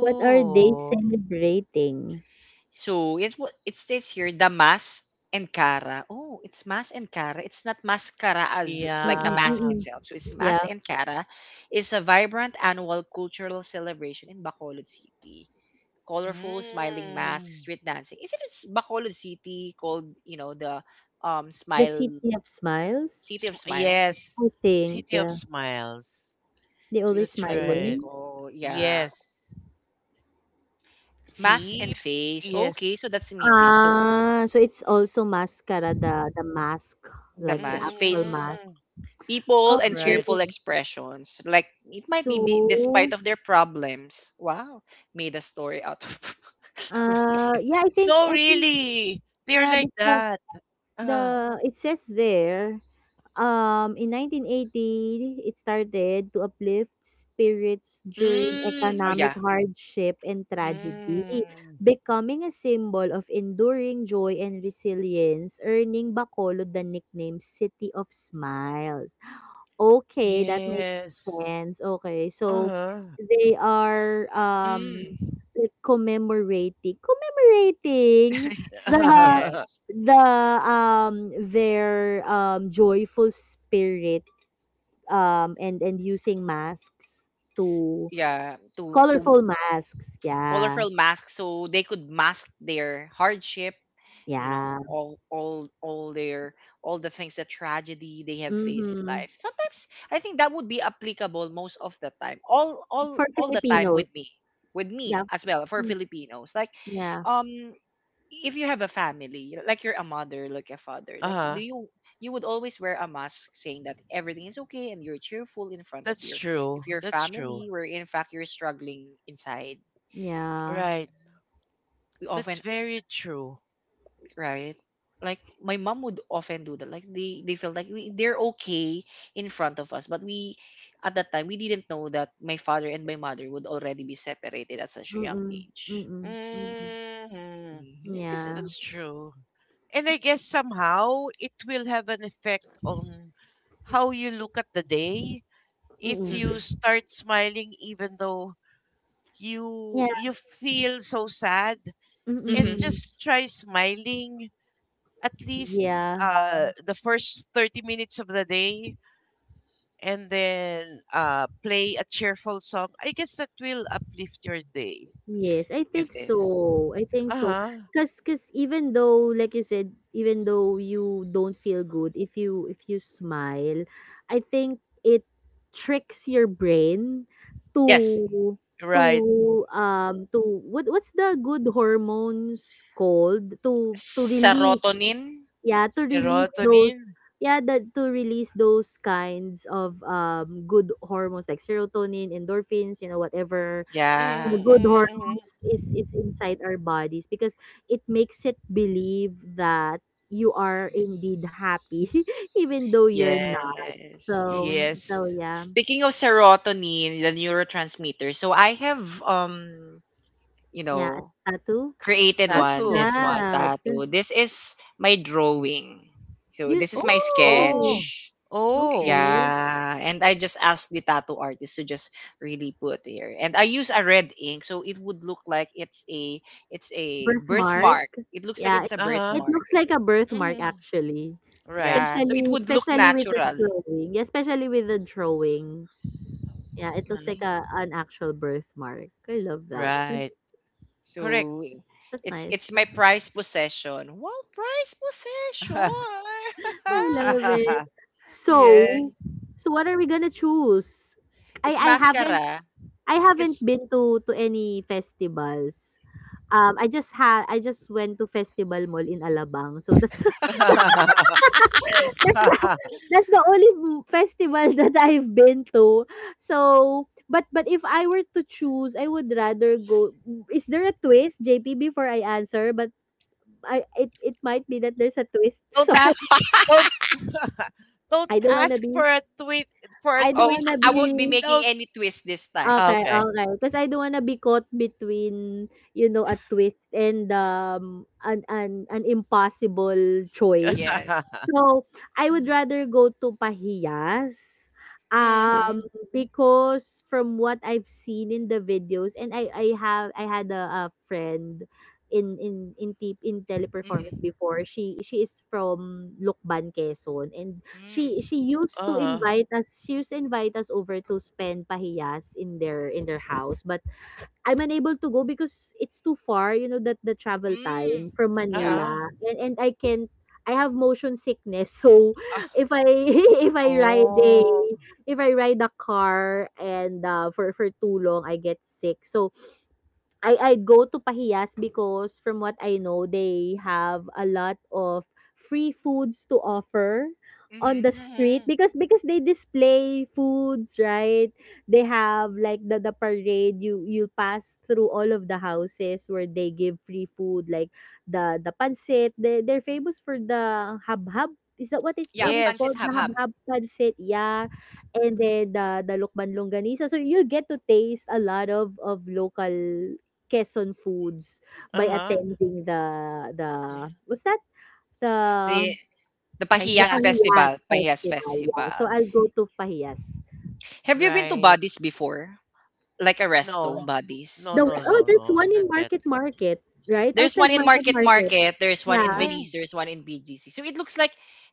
B: What are they celebrating?
A: So it states here, Damas and Cara. Oh, it's Mas and Cara. It's not mascara as like a
B: Mm,
A: mask
C: yeah.
B: mm.
A: itself. So it's Mas
B: Yeah,
A: and Cara, is a vibrant annual cultural celebration in Bacolod City. Colorful, smiling masks,
C: Mm.
A: street dancing. Bacolod City, called, you know, the
B: the
A: smile
B: City of
A: city
B: Smiles?
C: Sm-
A: of smiles?
C: yes,
B: I
C: the
B: think,
C: city of
B: yeah.
C: smiles.
B: They
A: So
B: always
A: it's
C: That's
A: like what they
C: right.
B: smiling?
A: call, yeah,
C: Yes.
A: mass
C: See?
A: and face. Okay, so
C: Yes.
A: that's amazing. So
B: Ah, so it's also mascara, the mask,
A: the
B: like the
A: mass,
B: actual
A: face,
B: mask.
C: Hmm.
A: people, and
C: Right.
A: cheerful
B: Okay.
A: expressions. Like it might be despite
B: So,
A: of their problems. Wow, made a story out of. of the fest-
B: yeah, I think
C: No,
B: I think
C: really. They're
B: yeah,
C: like
B: because
C: that. Ah.
B: the it says there, in 1980, it started to uplift spirits during
A: oh yeah.
B: economic hardship and tragedy,
C: Mm.
B: becoming a symbol of enduring joy and resilience, earning Bacolod the nickname City of Smiles. Okay, that makes
C: Yes.
B: sense. Okay, so
C: Uh-huh.
B: they are,
A: Mm.
B: like, commemorating the,
A: Yes.
B: the their joyful spirit, and using masks to
A: Yeah, to
B: colorful masks. Yeah.
A: colorful masks so they could mask their hardship, you know,
B: Yeah.
A: all the things, the tragedy they have faced in
B: Mhm.
A: life. Sometimes I think that would be applicable most of the time, all all
B: For
A: all the time
B: Filipinos.
A: with me, with me
B: Yeah.
A: as well, for
B: Mm.
A: Filipinos. Like,
B: Yeah.
A: um if you have a family, you know, like you're a mother, like a father, like do
C: Uh.
A: you you would always wear a mask saying that everything is okay and you're cheerful in front of
C: That's
A: your,
C: true.
A: if your
C: That's true.
A: family, where in fact you're struggling inside,
B: Yeah.
C: Right.
A: we
C: That's
A: often,
C: very true.
A: right? Like my mom would often do that. Like they felt like they're okay in front of us, but we at that time we didn't know that my father and my mother would already be separated at such a young
B: Mm-mm.
A: age.
B: Mm-mm. Mm-mm.
C: Hmm.
A: Because
B: Yeah.
C: That's true. And I guess somehow it will have an effect on how you look at the day. If
B: Mm-mm.
C: you
A: Mm-hmm,
C: start smiling even though
B: Yeah,
C: you feel so sad, and
A: mm-hmm,
B: mm.
C: just try smiling, at least
B: Yeah.
C: the first 30 minutes of the day, and then play a cheerful song, I guess that will uplift your day.
B: Yes, I
A: it
B: think
A: is.
B: so. I think so.
C: Uh-huh.
B: Cause. Cause, even though, like you said, even though you don't feel good, if you smile, I think it tricks your brain
A: Yes,
B: to to
C: Right.
B: to what's the good hormones called? To release,
A: serotonin.
B: yeah, to release those,
C: Serotonin.
B: yeah, that to release those kinds of, good hormones like serotonin endorphins, whatever,
A: Yeah.
C: Mm-hmm,
B: good
C: mm-hmm.
B: hormones is inside our bodies, because it makes it believe that you are indeed happy, even though you're not.
A: Yes. S-
B: So
C: Yes.
B: yeah,
A: Speaking of serotonin, the neurotransmitter. So I have you
B: yeah. A
A: know
B: tattoo.
A: created
B: What's
A: one,
C: Tattoo.
A: this one
B: that?
A: tattoo. This is my drawing. So
B: You
A: this is my
B: Oh,
C: Oh.
A: sketch.
C: Oh.
B: okay.
A: Yeah, and I just asked the tattoo artist to just really put here. And I use a red ink so it would look like it's a
B: Birthmark?
A: birthmark. It looks like
B: Yeah,
A: it's
B: it
A: a
C: Uh-huh.
B: it
A: birthmark.
B: looks like a
C: Mm
B: birthmark,
C: hmm.
B: actually,
C: Right.
A: Yeah, so it
B: especially
A: would look
B: especially with the
A: natural.
B: drawing. Yeah, especially with the drawing. Yeah, it looks like
A: Right?
B: a an actual birthmark. I love that. That's,
C: Right. Correct.
A: So
B: that's
A: it's
B: nice.
A: my prized possession. Wow, prized possession.
B: I love it. So,
A: Yes,
B: what are we gonna choose? I
A: it's
B: I haven't
A: mascara
B: I haven't
A: because
B: been to any festivals. I just went to Festival Mall in Alabang, so that's that's the that's the only festival that I've been to. So, but if I were to choose, I would rather go. Is there a twist, JP, before I answer? But I it might be that there's a twist.
C: Don't
B: So,
C: ask, don't don't
B: I don't wanna
C: ask
B: be
C: for a
B: I don't
A: Oh,
C: twist,
B: wanna
A: I
C: please.
A: won't be
B: be
A: making
C: Don't—
A: any twist this
C: Ah,
A: time.
B: okay,
C: okay.
B: okay, because I don't wanna be caught between, a twist and, an impossible choice.
A: Yes.
B: So, I would rather go to Pahiyas, um,
C: Hmm.
B: because from what I've seen in the videos, and I had a friend in Teleperformance
A: Mhm.
B: before. She is from Lokban, Quezon, and
A: Mm.
B: she used to
C: Uh-huh.
B: invite us she used to invite us over to spend pahiyas in their house, but I'm unable to go because it's too far, that the travel
A: Mm.
B: time from
A: Yeah.
B: Manila,
C: Uh-huh.
B: and I can't I have motion sickness, so
A: Ah,
B: if I if I ride a
C: Oh.
B: if I ride a car and, for too long, I get sick. So I'd go to Pahiyas, because from what I know, they have a lot of free foods to offer on
A: mhm.
B: the street,
C: Mm-hmm.
B: because they display foods, right? They have like the, parade, you pass through all of the houses where they give free food like the, pancit. They're famous for the habhab. Is that what it
A: Yeah,
B: what it's
A: Pancit
B: called?
C: Yes.
B: The
A: Habhab.
B: habhab pancit, yeah, and then the, lukban longganisa, so you get to taste a lot of local Quezon foods by
C: Uh-huh.
B: attending the was that the
A: The the
B: the
A: Pahiyas
C: Pahiyas.
B: Pahiyas
A: Festival, Pahiyas
B: festival, yeah. So
A: Festival.
B: I'll go to Pahiyas.
A: Have you been to
C: Right.
A: Bodies before? Like a resto,
C: No. No,
A: Bodies
B: The
C: no,
B: oh,
C: no,
A: resto.
B: there's
C: no.
B: one
C: Not
B: in
C: yet.
B: Market Market, right?
A: There's one
B: Outside
A: in
B: Market
A: Market
B: Market.
A: Market, there's one in
B: Yeah.
A: Venice,
C: Mm.
A: there's one in BGC. So it looks like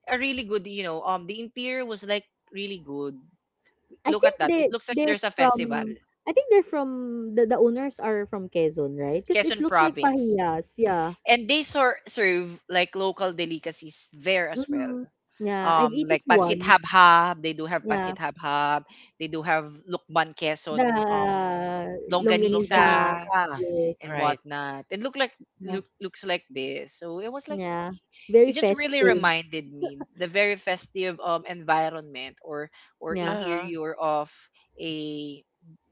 A: a really good, the interior was like really good.
B: I
A: Look at
B: think
A: that. It
B: they
A: looks like
B: they're
A: there's a festival.
B: from I think they're from the owners are from Quezon, right? Because it
A: Quezon
B: looks like
A: province.
B: Pahiyas, yeah.
A: And they serve like local delicacies there as well.
B: Hmm. Yeah, I've eaten
A: Like pancit
B: one.
A: habhab, they do have pancit
B: Yeah.
A: habhab. They do have lukban
B: The
A: Quezon,
B: longganisa.
A: longanisa
C: Longganisa.
B: Yes.
A: and
C: Right.
A: whatnot. It look like
B: Yeah.
A: looks like this. So it was like
B: Yeah, very
A: it just really
B: festive.
A: reminded me the very festive environment or
B: Yeah,
C: Uh-huh.
A: interior of a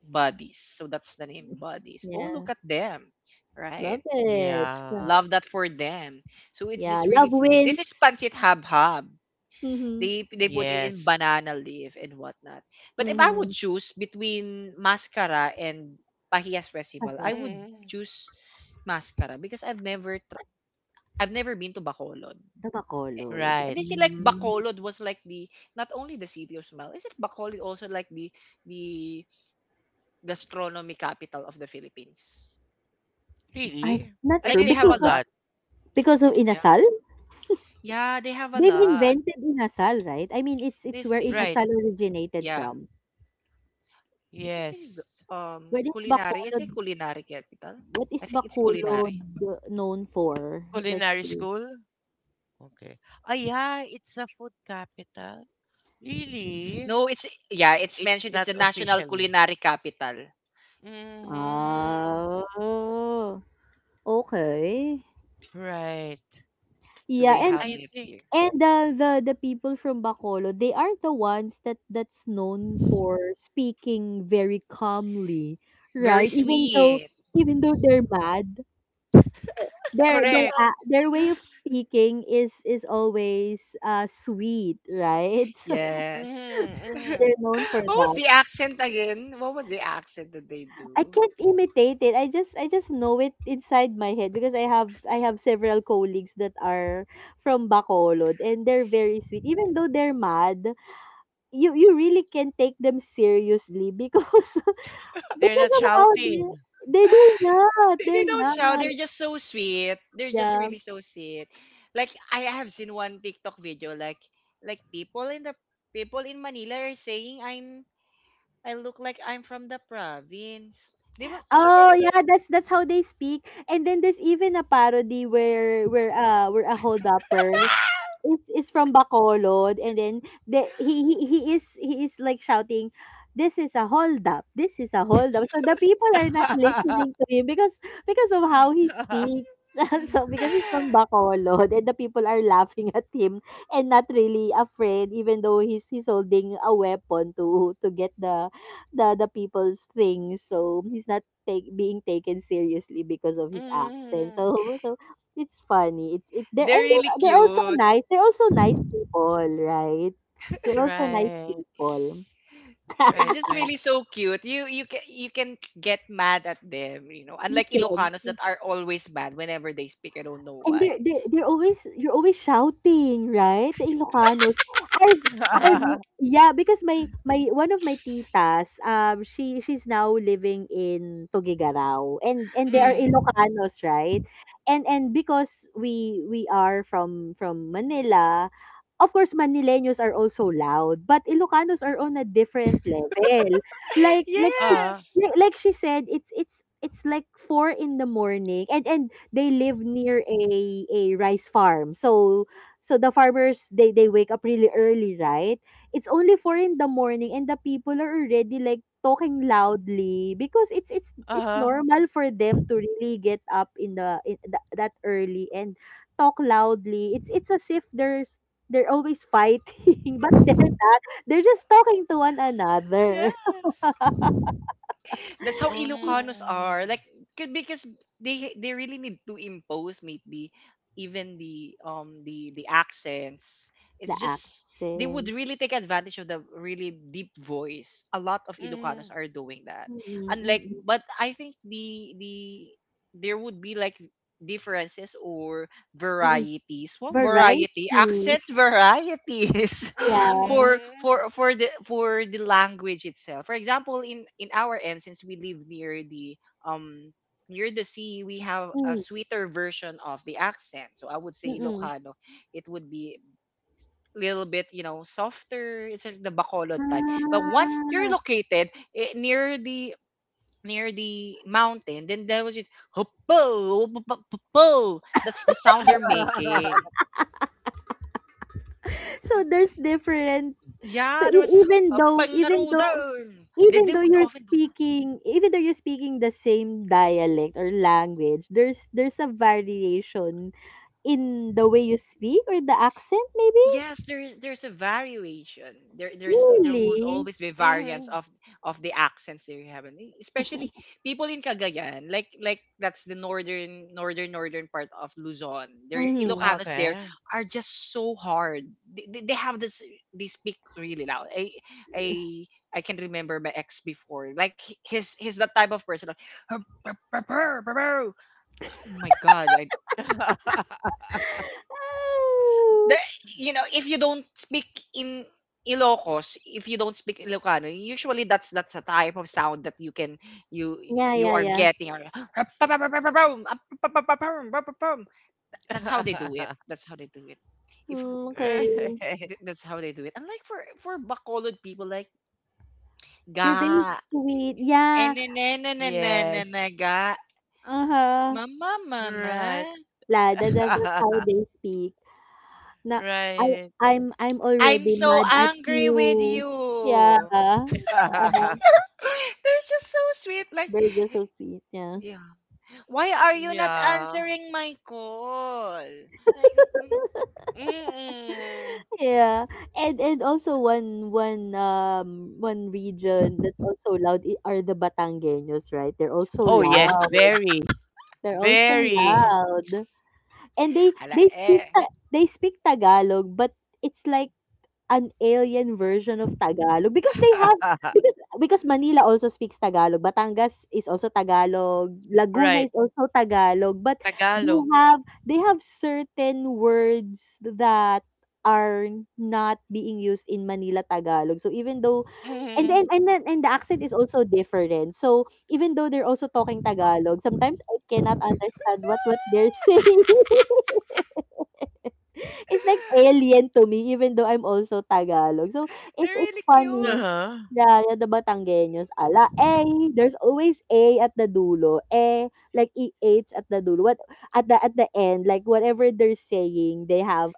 A: buddies. So that's the name buddies. Oh,
B: yeah,
A: look at them, right?
B: love it. Yeah,
C: Yeah.
A: Love that for them. So it's
B: yeah.
A: just really
B: Love
A: full. This is
B: wins.
A: pancit hab-hab.
B: Mm-hmm.
A: They put it in
C: Yes.
A: banana leaf and whatnot. But if I would
B: Mm-hmm.
A: choose between mascara and Pahias
B: Ah,
A: Festival, I
B: yes.
A: would
C: Mm.
A: choose mascara because I've never been to Bacolod.
B: The
A: Eh,
B: Bacolod.
A: And
C: Right.
A: they say like Bacolod was like the not only the city of smell, is it Bacolod also like the gastronomy capital of the Philippines?
B: I'm
C: Really?
B: not
C: I
B: sure
A: Like they
C: didn't
A: have
B: because
C: know
A: a
B: of
A: lot.
C: that.
A: Yeah.
B: inasal.
A: Yeah, they have a
B: They've
A: lot.
B: invented inasal, right? I mean, it's
A: They
B: it's where
A: say.
C: Right.
B: inasal originated
A: Yeah.
B: from.
A: It is a
C: Yes.
B: Where is
A: culinary. It's a
B: Bacolod?
A: culinary capital.
B: What
A: I
B: is
A: think it's culinary.
B: Bacolod known for? Let's
C: Culinary
B: see.
C: school? Okay. Ah, yeah. It's a food capital. Really?
A: No, it's, yeah, it's mentioned
C: It's
A: it's a
C: not
A: national
C: officially.
A: culinary capital.
C: Mhm.
B: Ah, okay.
C: Right.
A: So
B: Yeah,
A: they have
B: and
C: I
A: it
C: think
A: here.
B: And the people from Bacolod, they are the ones that's known for speaking very calmly,
A: Very
B: right? Even though
A: sweet.
B: even though they're mad, their their
C: correct.
B: uh, their way of speaking is always sweet, right? So
A: Yes.
C: Mhm. Mhm.
B: they're known for
A: What was
B: that.
A: the accent again? What was the accent that they
B: I
A: do?
B: can't imitate it. I just know it inside my head because I have several colleagues that are from Bacolod and they're very sweet even though they're mad you really can take them seriously because
C: They're
B: because
C: not
B: of how they
C: shouting.
B: they do not.
A: They
B: They're
A: don't shout.
B: not.
A: They're just so sweet. They're just
B: Yeah.
A: really so sweet. Like I have seen one TikTok video like people in Manila are saying I'm I look like I'm from the province. Di ba? Isn't
B: Oh
A: that
B: yeah,
A: right?
B: that's how they speak. And then there's even a parody where we're a hold upper is from Bacolod, and then he is like shouting, "This is a hold up, this is a hold up," so the people are not listening to him because of how he speaks. So because he's from Bacolod and the people are laughing at him and not really afraid even though he's holding a weapon to get the people's things, so he's not being taken seriously because of his accent,
C: Mhm.
B: so it's funny. It's it they're
A: They're
B: and
A: really
B: they're also
A: cute.
B: nice. They're also nice people, right? They're also nice
C: Right.
B: people.
A: It's
C: Right,
A: just
C: right.
A: really so cute. You can you can get mad at them.
B: You
A: Unlike
B: can
A: Ilocanos that are always mad whenever they speak. I don't know
B: And
A: why.
B: they're always you're always shouting, right? The Ilocanos. I've I've yeah, because my one of my titas, she's now living in Tuguegarao, and they are
A: Mm.
C: Mhm.
B: Ilocanos, right? And because we are from Manila, of course, Manileños are also loud, but Ilocanos are on a different level. Like like she
C: Uh,
A: Yes.
B: like she said, it's like 4 in the morning, and they live near a rice farm. So the farmers they wake up really early, right? It's only 4 in the morning and the people are already like talking loudly because it's
C: uh.
B: normal for them to really get up in the in th- that early and talk loudly. It's as if there's they're always fighting, but they're not. They're just talking to one another.
A: Yes. That's how Ilocanos are.
C: Mm.
A: Like because they really need to impose maybe even the accents. It's
B: The
A: just they would
B: accent.
A: really take advantage of the really deep voice. A lot of
C: Mhm.
A: Ilocanos are doing that.
B: Mm-mm,
A: Unlike
B: mm-mm,
A: but I think the there would be like differences or
B: mm-mm.
A: varieties. What
B: Variety.
A: variety? Accent varieties
B: Yeah.
A: for
C: Mhm.
A: for for the for the language itself. For example, in our end, since we live um near the sea, we have a
B: Mm,
A: sweeter version of the accent. So I would say
B: mm.
A: Ilocano, it would be a little bit softer. It's like the Bacolod type. But once you're
B: Ah,
A: located near the mountain, then that was just hupo, hupo. That's the sound they're making.
B: so there's different so
A: Yeah, there
B: e-
A: was
B: even though even though
A: pangarudan. They, they would often do.
B: even though you're speaking the same dialect or language, there's a variation in the way you speak or the accent maybe?
A: Yes, there's a variation. There was
B: Really?
A: always be variance
C: Mhm.
A: of the accents they have, and especially people in Cagayan, like that's the northern part of Luzon. Their
B: Mhm.
A: Ilocanos there
C: Okay.
A: are just so hard. They have this, they speak really loud. I I can remember my ex before. Like he's that type of person. Like, oh my god, I The
B: Oh.
A: you know, if you don't speak in Ilocos, if you don't speak Ilocano, usually that's a type of sound that you can you
B: Yeah,
A: you
B: yeah,
A: are
B: yeah.
A: getting or that's how they do it. That's how they do it. If
B: Mm, okay.
C: Right.
A: that's how they do it. Unlike for Bacolod people like ga
B: They're very sweet. Yeah.
C: Yes.
A: enenenenenenene, ga
B: Uh-huh.
A: mama mama
C: Right.
B: La, that, that, that's how they speak. Na I
C: Right.
B: I'm
A: I'm
B: already
A: so
B: mad at
A: angry with
B: you. Yeah.
A: you. They're just so sweet. Like.
B: Burgers so sweet, yeah.
A: Yeah. Why are you not
C: Yeah.
A: answering my call? Like, mm, mm.
C: Mm.
B: Yeah. And also one region that's also loud are the Batangueños, right? They're also
C: Oh, yes.
B: loud.
C: Very.
B: They're also
C: Very.
B: loud. And
A: Ala eh.
B: they speak Tagalog, but it's like an alien version of Tagalog because they have because Manila also speaks Tagalog, Batangas is also Tagalog, Laguna
C: Right.
B: is also Tagalog, but they
C: Tagalog.
B: have they have certain words that are not being used in Manila Tagalog. So even though And then
C: Mm.
B: and then and the accent is also different. So, even though they're also talking Tagalog, sometimes I cannot understand what they're saying. It's like alien to me even though I'm also Tagalog. So,
A: They're
B: it's
A: really cute.
B: funny.
C: Uh-huh.
B: Yeah, yeah, the Batanggenos, ala, eh, there's always A at the dulo. Eh, like EH at the dulo. What at the end, like whatever they're saying, they have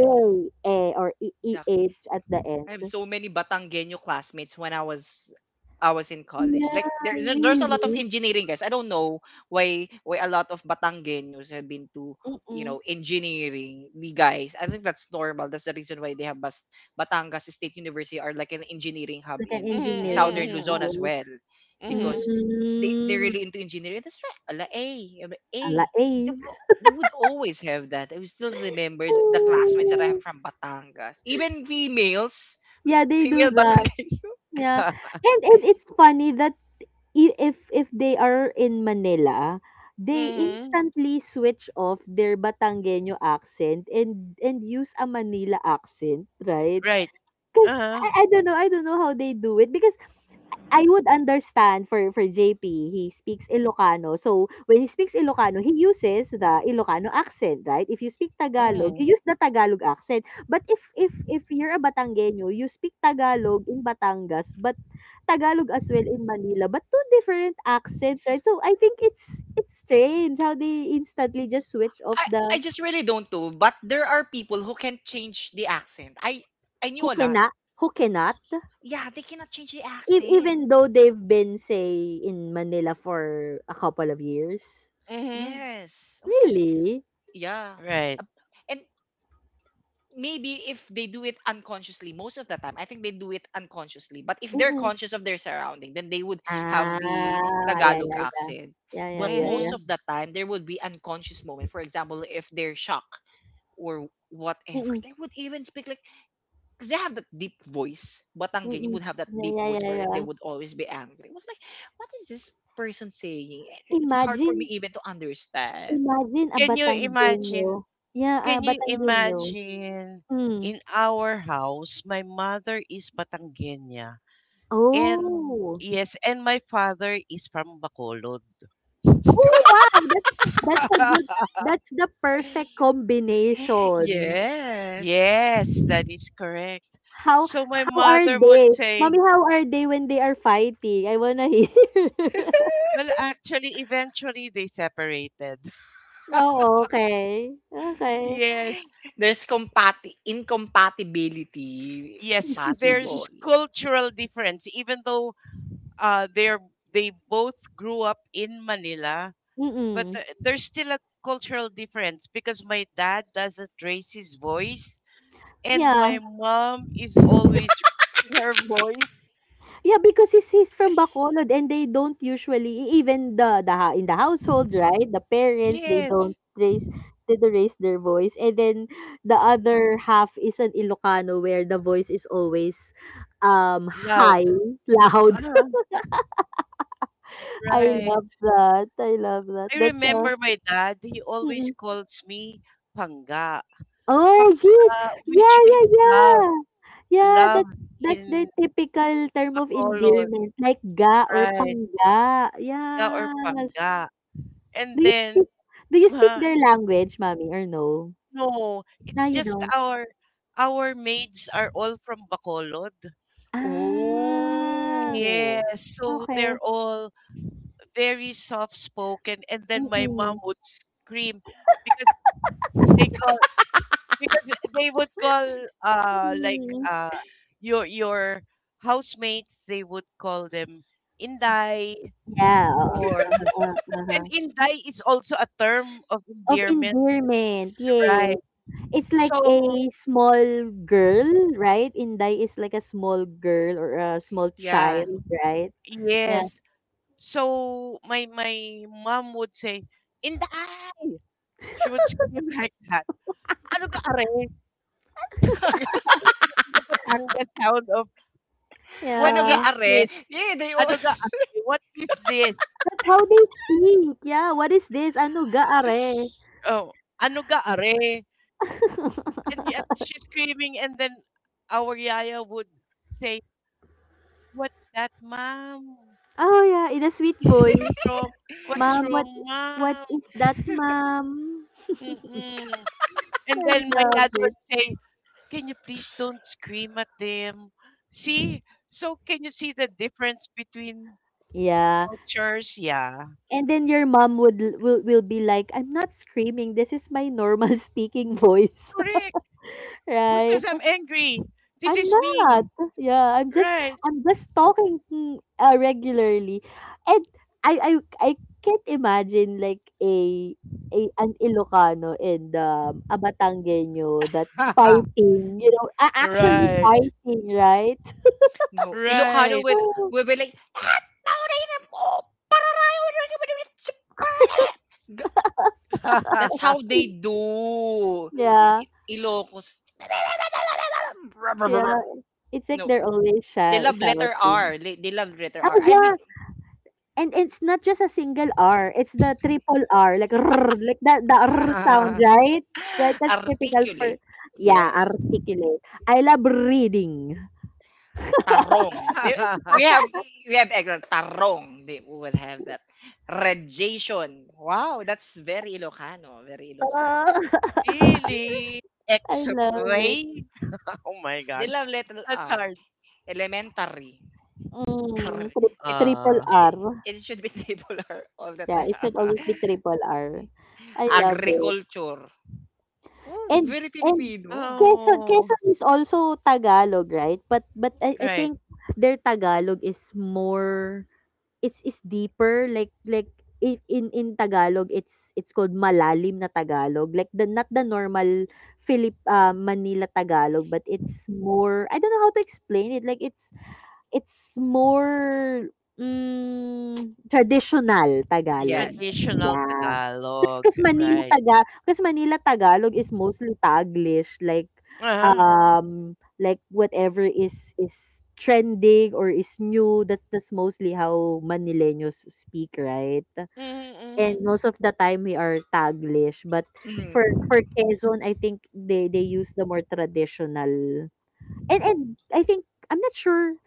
B: A, eh, or
A: Exactly.
B: EH at the
A: I
B: end.
A: have so many Batanggenyo classmates when I was in college.
B: Yeah,
A: Like there's there's a lot of
B: really.
A: engineering guys. I don't know why a lot of Batanggenyos have been to
B: Mm,
A: engineering the guys. I think that's normal. That's the reason why they have Batangas State University are like an engineering hub
B: like an
A: in
C: Mm-hmm.
B: engineering
A: southern Luzon
C: Mm-hmm.
A: as
B: school.
A: well,
C: Mm-hmm.
A: because they're
B: Mm,
A: really into engineering. That's right. Ala A ala
B: a
A: A.
B: la
A: They
B: eh.
A: would always have that. I will still remember the classmates that I
B: Mm.
A: have from Batangas, even females.
B: Yeah, they do
A: Female
B: that.
A: Batangan.
B: Yeah. And it's funny that if they are in Manila, they
C: Mm-hmm.
B: instantly switch off their Batangueño accent and use a Manila accent, right?
C: Right.
B: Cuz
C: Uh-huh.
B: I don't know how they do it because I would understand for JP, he speaks Ilocano. So, when he speaks Ilocano, he uses the Ilocano accent, right? If you speak Tagalog,
C: Mm-hmm.
B: you use the Tagalog accent. But if you're a Batanggenyo, you speak Tagalog in Batangas, but Tagalog as well in Manila, but two different accents, right? So, I think it's strange how they instantly just switch off
A: I
B: the
A: I just really don't know, but there are people who can change the accent. I knew a lot.
B: Hokena, Hokenat.
A: Yeah, they cannot change the
B: Ev-
A: accent.
B: Even though they've been, say, in Manila for a couple of years.
C: Mm-hmm.
A: Yes. I was like,
B: Really?
A: yeah.
C: Right.
A: Ab- And maybe if they do it unconsciously, most of the time, I think they do it unconsciously. But if they're
B: Mm.
A: conscious of their surrounding, then they would have the
B: Ah, yeah,
A: Tagalog
B: yeah, yeah.
A: accent.
B: Yeah, yeah,
A: But
B: yeah, yeah.
A: most of
C: Mm-hmm.
A: the time, there would be unconscious moment. For example, if they're shocked or whatever,
B: Mm,
A: they would even speak like because they have that deep voice. Batanggen, you
B: mm.
A: would have that
B: Yeah,
A: deep
B: yeah,
A: voice
B: yeah,
A: wherein
B: yeah.
A: they would always be angry. It was like, what is this person saying? It's hard for me
B: Imagine,
A: even to understand.
B: imagine a
C: Can you
B: Batanggenyo.
C: imagine?
B: Yeah, ah,
C: Can you
B: Batanggenyo.
C: imagine
B: Mm.
C: in our house, my mother is Batangueña, and
B: Oh.
C: yes, and my father is from Bacolod.
B: Oh, wow! That's a good that's the perfect combination.
A: Yes.
C: Yes, that is correct.
B: How
C: So my
B: how are
C: mother
B: they?
C: would say,
B: Mommy, how are they when they are fighting? I wanna hear.
C: well, actually, eventually they separated.
B: Oh, okay. Okay.
C: Yes,
A: There's compati incompatibility
C: yes, there's
A: possible.
C: cultural difference, even though uh, they're they both grew up in Manila, but
B: Mm.
C: there's still a cultural difference because my dad doesn't raise his voice, and my
B: Yeah.
C: mom is always raising her voice.
B: Yeah, because he's from Bacolod and they don't usually even in the household, right? The parents they
C: Yes,
B: don't raise they don't raise their voice, and then the other half is an Ilocano where the voice is always
C: loud.
B: high, loud.
C: Ah,
B: I
C: right.
B: love that. I love that.
C: I
B: That's
C: remember my dad, he always
B: mm-mm.
C: calls me "panga,"
B: Oh yes,
C: "panga," which
B: yeah,
C: means
B: yeah,
C: love.
B: yeah, yeah.
C: Love
B: That's
C: in
B: their typical term of
C: Bacolod,
B: endearment, like ga or
C: right?
B: pangga.
C: Yeah, or
B: Yes.
C: panga.
B: Do
C: And
B: you
C: then,
B: speak do you speak
C: uh,
B: their language, mommy, or no?
C: no,
B: No,
C: it's
B: you
C: just
B: don't?
C: our— our maids are all from Bacolod.
B: Ah,
A: Oh.
C: Yes, so
B: okay.
C: they're all very soft spoken. And then my mom
B: Mm,
C: would scream because they call. Because they would call, like,
B: mm.
C: uh your— your housemates, they would call them inday,
B: Yeah, oo.
C: or—
B: Uh-huh, uh-huh.
C: and inday is also a term of
B: Of
C: endearment,
B: endearment, yes.
C: right?
B: It's like
C: So
B: a small girl, right? Inday is like a small girl or a small
A: Yeah.
B: child, right? Yeah,
C: yes, so my mom would say inday. She would scream like that, "ano ga are," the Batangas sound of what
A: Ano ga
B: yeah.
C: is
A: are?
C: this.
A: Yeah, they all.
C: "Ano ga are," what is this.
B: That's how they speak. Yeah, "What is this? Ano ga, are?"
C: Oh, "ano ga are," and yet she's screaming, and then our yaya would say, "What's that, mom?
B: Oh, yeah, in a sweet
C: What
B: voice.
C: is wrong? What's
B: Mom. what
C: wrong,
B: what
C: mom?"
B: is that, mom?
C: Mm-mm. And
B: I
C: then my
B: love
C: dad
B: it.
C: would say, "Can you please don't scream at them?" See, so can you see the difference between
B: Yeah.
C: cultures? Yeah,
B: And then your mom would will be like, "I'm not screaming. This is my normal speaking voice."
C: correct. "Who
B: Right?
C: says I'm angry? This
B: I'm
C: is me,
B: not. Yeah, I'm just
C: right?"
B: I'm just talking regularly. And I I I can't imagine like a an Ilocano and a batanggenyo that fighting, actually
C: Right,
B: fighting, right?
A: No, Ilocano
C: right.
A: would would be like, "Ah, Maureen, oh, pararayo, that's how they do."
B: Yeah.
A: Ilocos.
B: Yeah. It's like
A: No,
B: they're always
A: they
B: shout
A: love letter
B: shouting.
A: R. They love letter R.
B: Oh,
A: I mean,
B: yeah, and it's not just a single R, it's the triple R, like "rrr," like that, the R sound, right? Right, that's typical for
A: articulate.
B: yeah,
A: Yes.
B: articulate. I love reading.
A: Tarong. We we have we have Eglon. Tarong. They would have that. Radiation. Wow, that's very Ilocano. Very
B: Oh,
A: Ilocano.
C: Really?
B: I love it.
C: X-ray? Oh my
A: They
C: gosh.
A: love letter
C: That's
A: R.
C: hard.
A: Elementary.
B: Mm,
A: Tar.
B: trip
A: It's
B: triple
C: Uh.
A: it,
B: R.
A: it should be table R all the
B: Yeah,
A: time.
B: it should always be triple R. I love it.
A: Agriculture. Oh,
B: And
A: very
B: and
A: Filipino.
B: Quezon
C: Oh,
B: Quezon is also Tagalog, right? But I
C: right.
B: think their Tagalog is more It's is deeper like in Tagalog, it's called malalim na Tagalog, like the not the normal Manila Tagalog, but it's more I don't know how to explain it, like it's more, mm, traditional Tagalog.
A: Yes.
C: Traditional
B: Yeah.
C: Tagalog,
B: Because
C: right.
B: Manila Tagalog is mostly Taglish,
C: Uh-huh.
B: um, like whatever is trending or is new, that's mostly how Manileños speak, right? And
C: Mm-hmm,
B: most of the time we are Taglish, but for
A: Mm.
B: Quezon, I think they use the more traditional and I think I'm not sure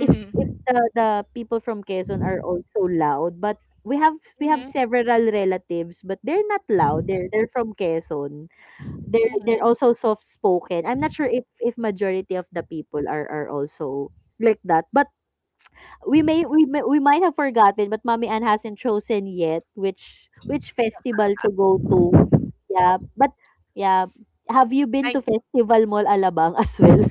B: if the people from Quezon are also loud, but we have
C: mm-hmm,
B: several relatives, but they're not loud. They're from Quezon. They're
C: mm-hmm.
B: also soft spoken. I'm not sure if majority of the people are also like that. But we might have forgotten, but Mommy Ann hasn't chosen yet which festival to go to. Yeah, but yeah, have you been
C: I
B: to Festival Mall Alabang as well?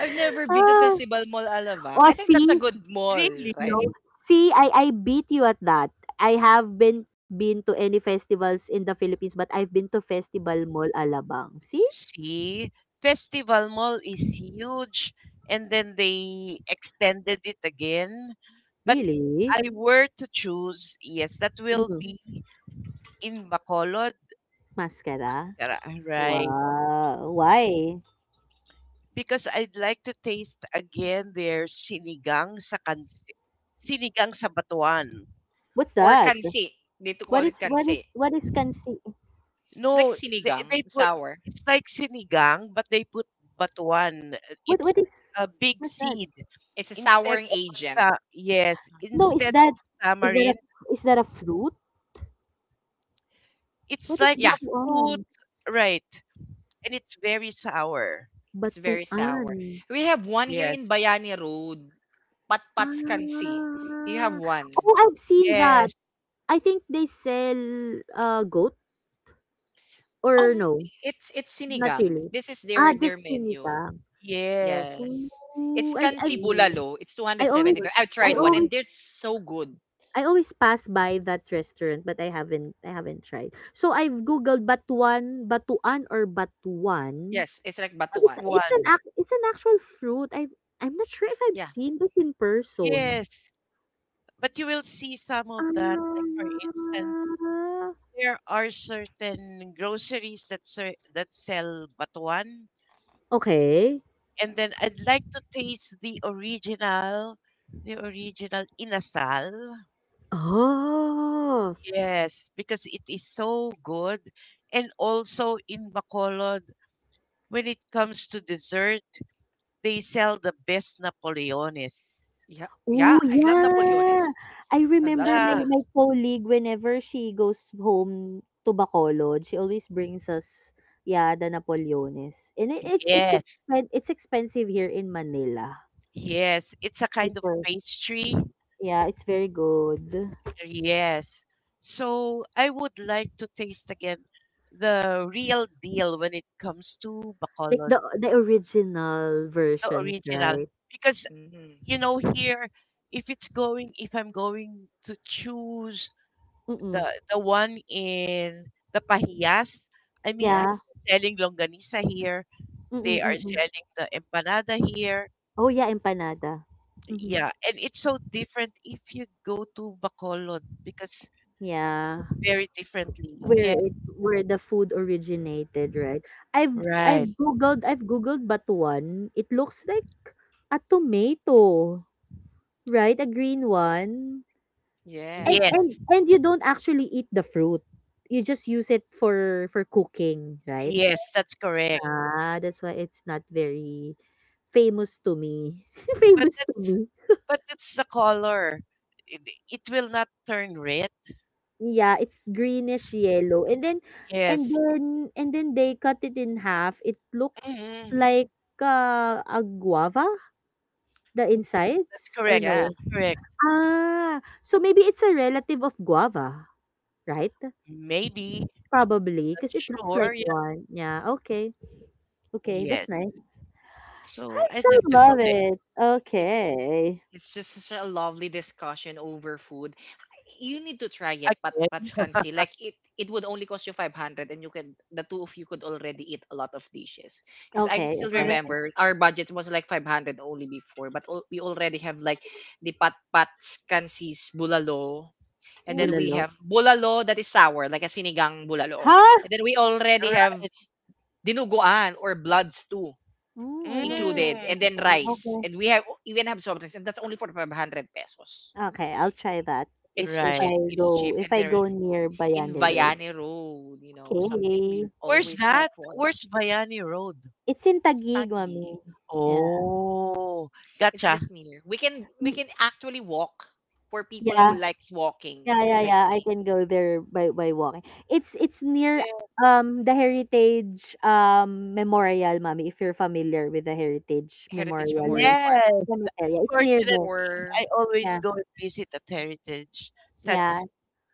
A: I've never been to
B: Ah,
A: Festival Mall Alabang.
B: o
A: I think that's a
B: see?
A: good mall,
C: really
A: right?
B: No. See, I beat you at that. I haven't been to any festivals in the Philippines, but I've been to Festival Mall Alabang. See?
C: see Festival Mall is huge, and then they extended it again. But
B: Really?
C: I were to choose, yes, that will
B: Mm.
C: be in Bacolod,
B: Mascara?
C: right?
B: Wow. Why?
C: Because I'd like to taste again their sinigang sa batuan.
B: What's
A: Or
B: that?
A: Kansi. They to
B: What
A: call it
B: is what is
A: Kansi.
B: what is kansi?
A: It's
C: No,
A: like
C: they
A: sinigang,
C: put—
A: sour.
C: it's like sinigang but they put batuan. Uh.
B: What
C: It's
B: what is
C: a big
B: what's that?
C: seed
A: It's a
C: instead
A: souring
C: of a
A: agent.
C: yes,
B: No,
C: instead of
B: is that
C: tamarind,
B: a is that a fruit?
C: it's
B: What is
C: like a
A: Yeah,
C: fruit,
B: batuan?
C: right? And it's very sour.
A: it's very
B: Batuan.
A: sour. We have one here
C: Yes.
A: in Bayani Road. Patpats Kansi. You have
B: Ah.
A: one.
B: Oh, I've seen that.
C: Yes.
B: I think they sell goat. Or
A: Um,
B: no,
A: it's
B: not
A: sinigang.
B: really?
A: This is
B: Ah,
A: their
B: just
A: their menu.
B: sinigang.
C: Yes.
A: Yes. It's
B: Ooh,
A: Kansi
C: See,
A: Bulalo. It's
B: I always
A: 275. I've
B: I
A: tried one
C: pulao,
A: and
B: always
A: they're so good.
B: I always pass by that restaurant, but I haven't tried. So I've googled batuan, batuan or batuan.
A: Yes, it's like
B: So
A: batuan.
C: batuan.
B: it's an actual fruit. I'm not sure if I've
A: Yeah.
B: seen this in person.
C: Yes. But you will see some
B: Ah,
C: of that. Like for instance, there are certain groceries that that sell batuan,
B: okay.
C: and then I'd like to taste the original inasal.
B: Oh.
C: Yes, because it is so good. And also in Bacolod, when it comes to dessert, they sell the best Napoleones.
A: Yeah. Yeah,
B: Oh,
A: I love
B: yeah.
A: Napoleones.
B: I
A: I love
B: remember
C: Yeah.
B: my
A: Napoleones.
B: my colleague whenever she goes home to Bacolod, she always brings us yeah, the Napoleones. And
C: Yes.
B: it's expensive here in Manila.
C: Yes. It's a kind of
B: Super.
C: pastry.
B: Yeah, it's very good.
C: Yes. So I would like to taste again the real deal when it comes to
B: Like
C: Bacolod,
B: the original
C: the
B: versions,
C: original.
B: right?
C: Because, you
A: Mm.
C: know, here, if it's going, if I'm going to choose the
B: Mm-mm.
C: the one in the Pahiyas, I mean,
B: Yeah.
A: Yes.
C: they're selling longanisa here. They
B: Mm-mm,
C: are
B: mm-mm.
C: selling the empanada here.
B: Oh, yeah, empanada. Mm-hmm.
C: Yeah, and it's so different if you go to Bacolod because—
B: Yeah.
C: very differently. Yeah,
B: Where the food originated, right?
C: right.
A: Yes.
B: I've googled batuan. It looks like a tomato, right? A green one. And
A: Yes.
C: Yes,
B: you don't actually eat the fruit. You just use it for cooking, right?
C: yes, that's correct.
B: Ah, that's why it's not very famous to me.
C: But
B: Famous to
C: that's—
B: me.
C: but that's the color. It, it will not turn red.
B: Yeah, it's greenish yellow. And then
C: Yes.
B: they cut it in half. It looks
C: Mm-hmm.
B: like a guava, the
C: Yes, that's
B: insides or
C: correct.
A: Yeah,
B: no?
C: That's correct.
B: Ah, so maybe it's a relative of guava, right?
C: Maybe.
B: Probably
C: Not
B: because it looks like
C: sure. Yeah.
B: one. Yeah, okay. Okay, that's
C: Yes.
B: nice. I
C: So
B: so
C: I'd like to
B: love
C: go there
B: it.
A: it's
B: Okay.
A: it's just such a lovely discussion over food. You need to try it, but
C: again.
A: Patskansi, like it would only cost you 500 and you could the two of you could already eat a lot of dishes. Because I
B: Okay,
A: still
B: okay,
C: Correct.
B: okay.
A: remember our budget was like 500 only before, but we already have like the Patskansi's bulalo. And then
C: Mm.
A: we
B: Bulalo.
A: have bulalo that is sour, like a sinigang bulalo.
B: Huh?
A: And then we already have
C: Right.
A: dinuguan or bloods too
B: Mm, I don't,
A: included,
C: Mm,
A: and then rice.
B: okay.
A: And we have even have soft drinks, and that's only for 500 pesos.
B: Okay, I'll try that if
A: It's
B: if
A: cheap.
C: right.
B: I
A: It's
B: go
A: cheap,
B: if
A: and
B: I
A: they're
B: go
A: really good.
B: near
A: In
B: Bayani Road.
A: Vianney Road, something we
B: Okay.
C: Where's
A: always
C: that?
A: look for.
C: Where's Vianney Road?
B: It's in Taguig,
A: Taguig.
B: mommy. Yeah.
C: Oh,
A: It's
C: gotcha.
A: just near. We can we
B: Mm,
A: can actually walk for people
B: Yeah.
A: who likes walking,
B: Yeah, yeah,
A: like
B: yeah. I
A: me.
B: can go there by walking. It's near the Heritage Memorial, mommy, if you're familiar with the Heritage
A: Heritage
B: Memorial
A: Memorial Park,
C: Yes.
B: Cemetery. It's near
C: Fortunately,
B: there.
A: or
C: I always
B: Yeah.
C: go and visit at Heritage. Sad to
B: Yeah.
C: say.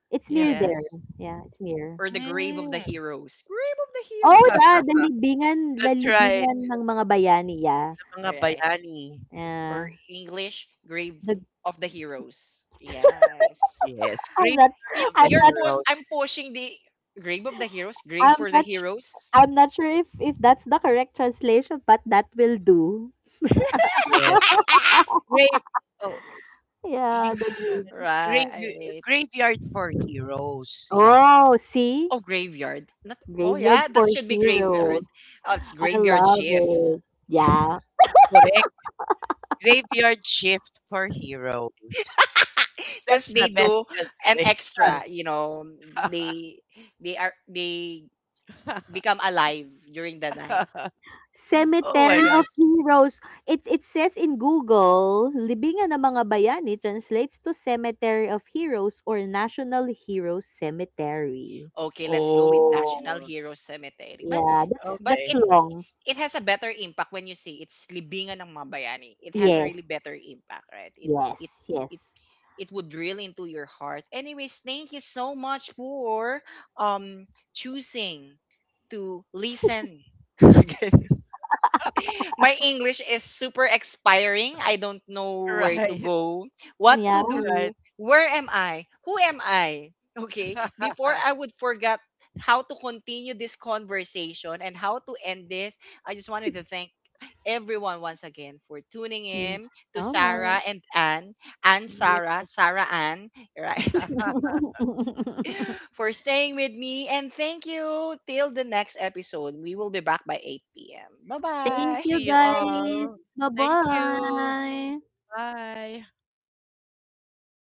B: It's
C: Yeah.
B: near there.
A: yes,
B: Yeah, it's near.
A: or the Grave of the
C: Mm.
A: Heroes. Grave of the
B: Oh, yeah,
A: Heroes.
B: the
C: That's right.
B: libingan ng mga bayani, yeah.
C: Sa mga
A: Right.
C: bayani.
A: Or
B: Yeah.
A: English, Grave
B: The
A: of the Heroes. Yes.
C: Yes.
B: I'm
C: Graveyard
B: not
A: If
C: of
B: I'm
C: the
A: you're
B: not
A: pu I'm
C: Heroes.
A: pushing the grave of the heroes, grave
B: I'm
A: for the
B: not su-
A: heroes.
B: I'm not sure if that's the correct translation, but that will do.
C: Yes. Grave, oh,
B: Yeah,
C: li-
B: the grave.
C: grave,
A: Right.
C: graveyard for heroes. Yeah.
B: Oh, see?
A: Oh, graveyard. Not, oh,
B: Graveyard
A: yeah, that
B: for
A: should be graveyard.
B: heroes.
A: Oh, it's
B: I
A: graveyard
B: love
A: shift.
B: it. Yeah.
C: Correct. Graveyard shift for heroes.
A: Because
C: That's
A: they
C: the
A: do
C: best
A: an
C: translation.
A: extra, they become alive during the night.
C: Oh my
B: Cemetery
C: gosh.
B: of Heroes. It says in Google, Libingan ng mga bayani translates to Cemetery of Heroes or National Heroes Cemetery.
A: Okay, let's go with National
C: Oh,
A: Hero Cemetery. But
B: Yeah, that's
A: but
B: that's
C: okay.
A: it
B: long.
A: it has a better impact when you see it's libingan ng mga bayani. It has a
B: Yes,
A: really better impact, right? It
B: yes,
A: it
B: yes.
A: it would drill into your heart. Anyways, thank you so much for um choosing to listen again my English is super expiring. I don't know where to
C: Right.
A: go, what to
B: Yeah.
C: Right.
A: do, where am I, who am I? Okay, before I would forget how to continue this conversation and how to end this, I just wanted to thank everyone once again for tuning
B: Thanks
A: in to
B: so much.
A: Sarah and Anne, and
C: Yes.
A: Sarah, Sarah Ann, right? for staying with me and thank you till the next episode. We will be back by 8 p.m.
B: Thank you
A: Bye-bye.
C: See you
B: guys.
C: all. Thank you.
B: Bye-bye.
C: Bye.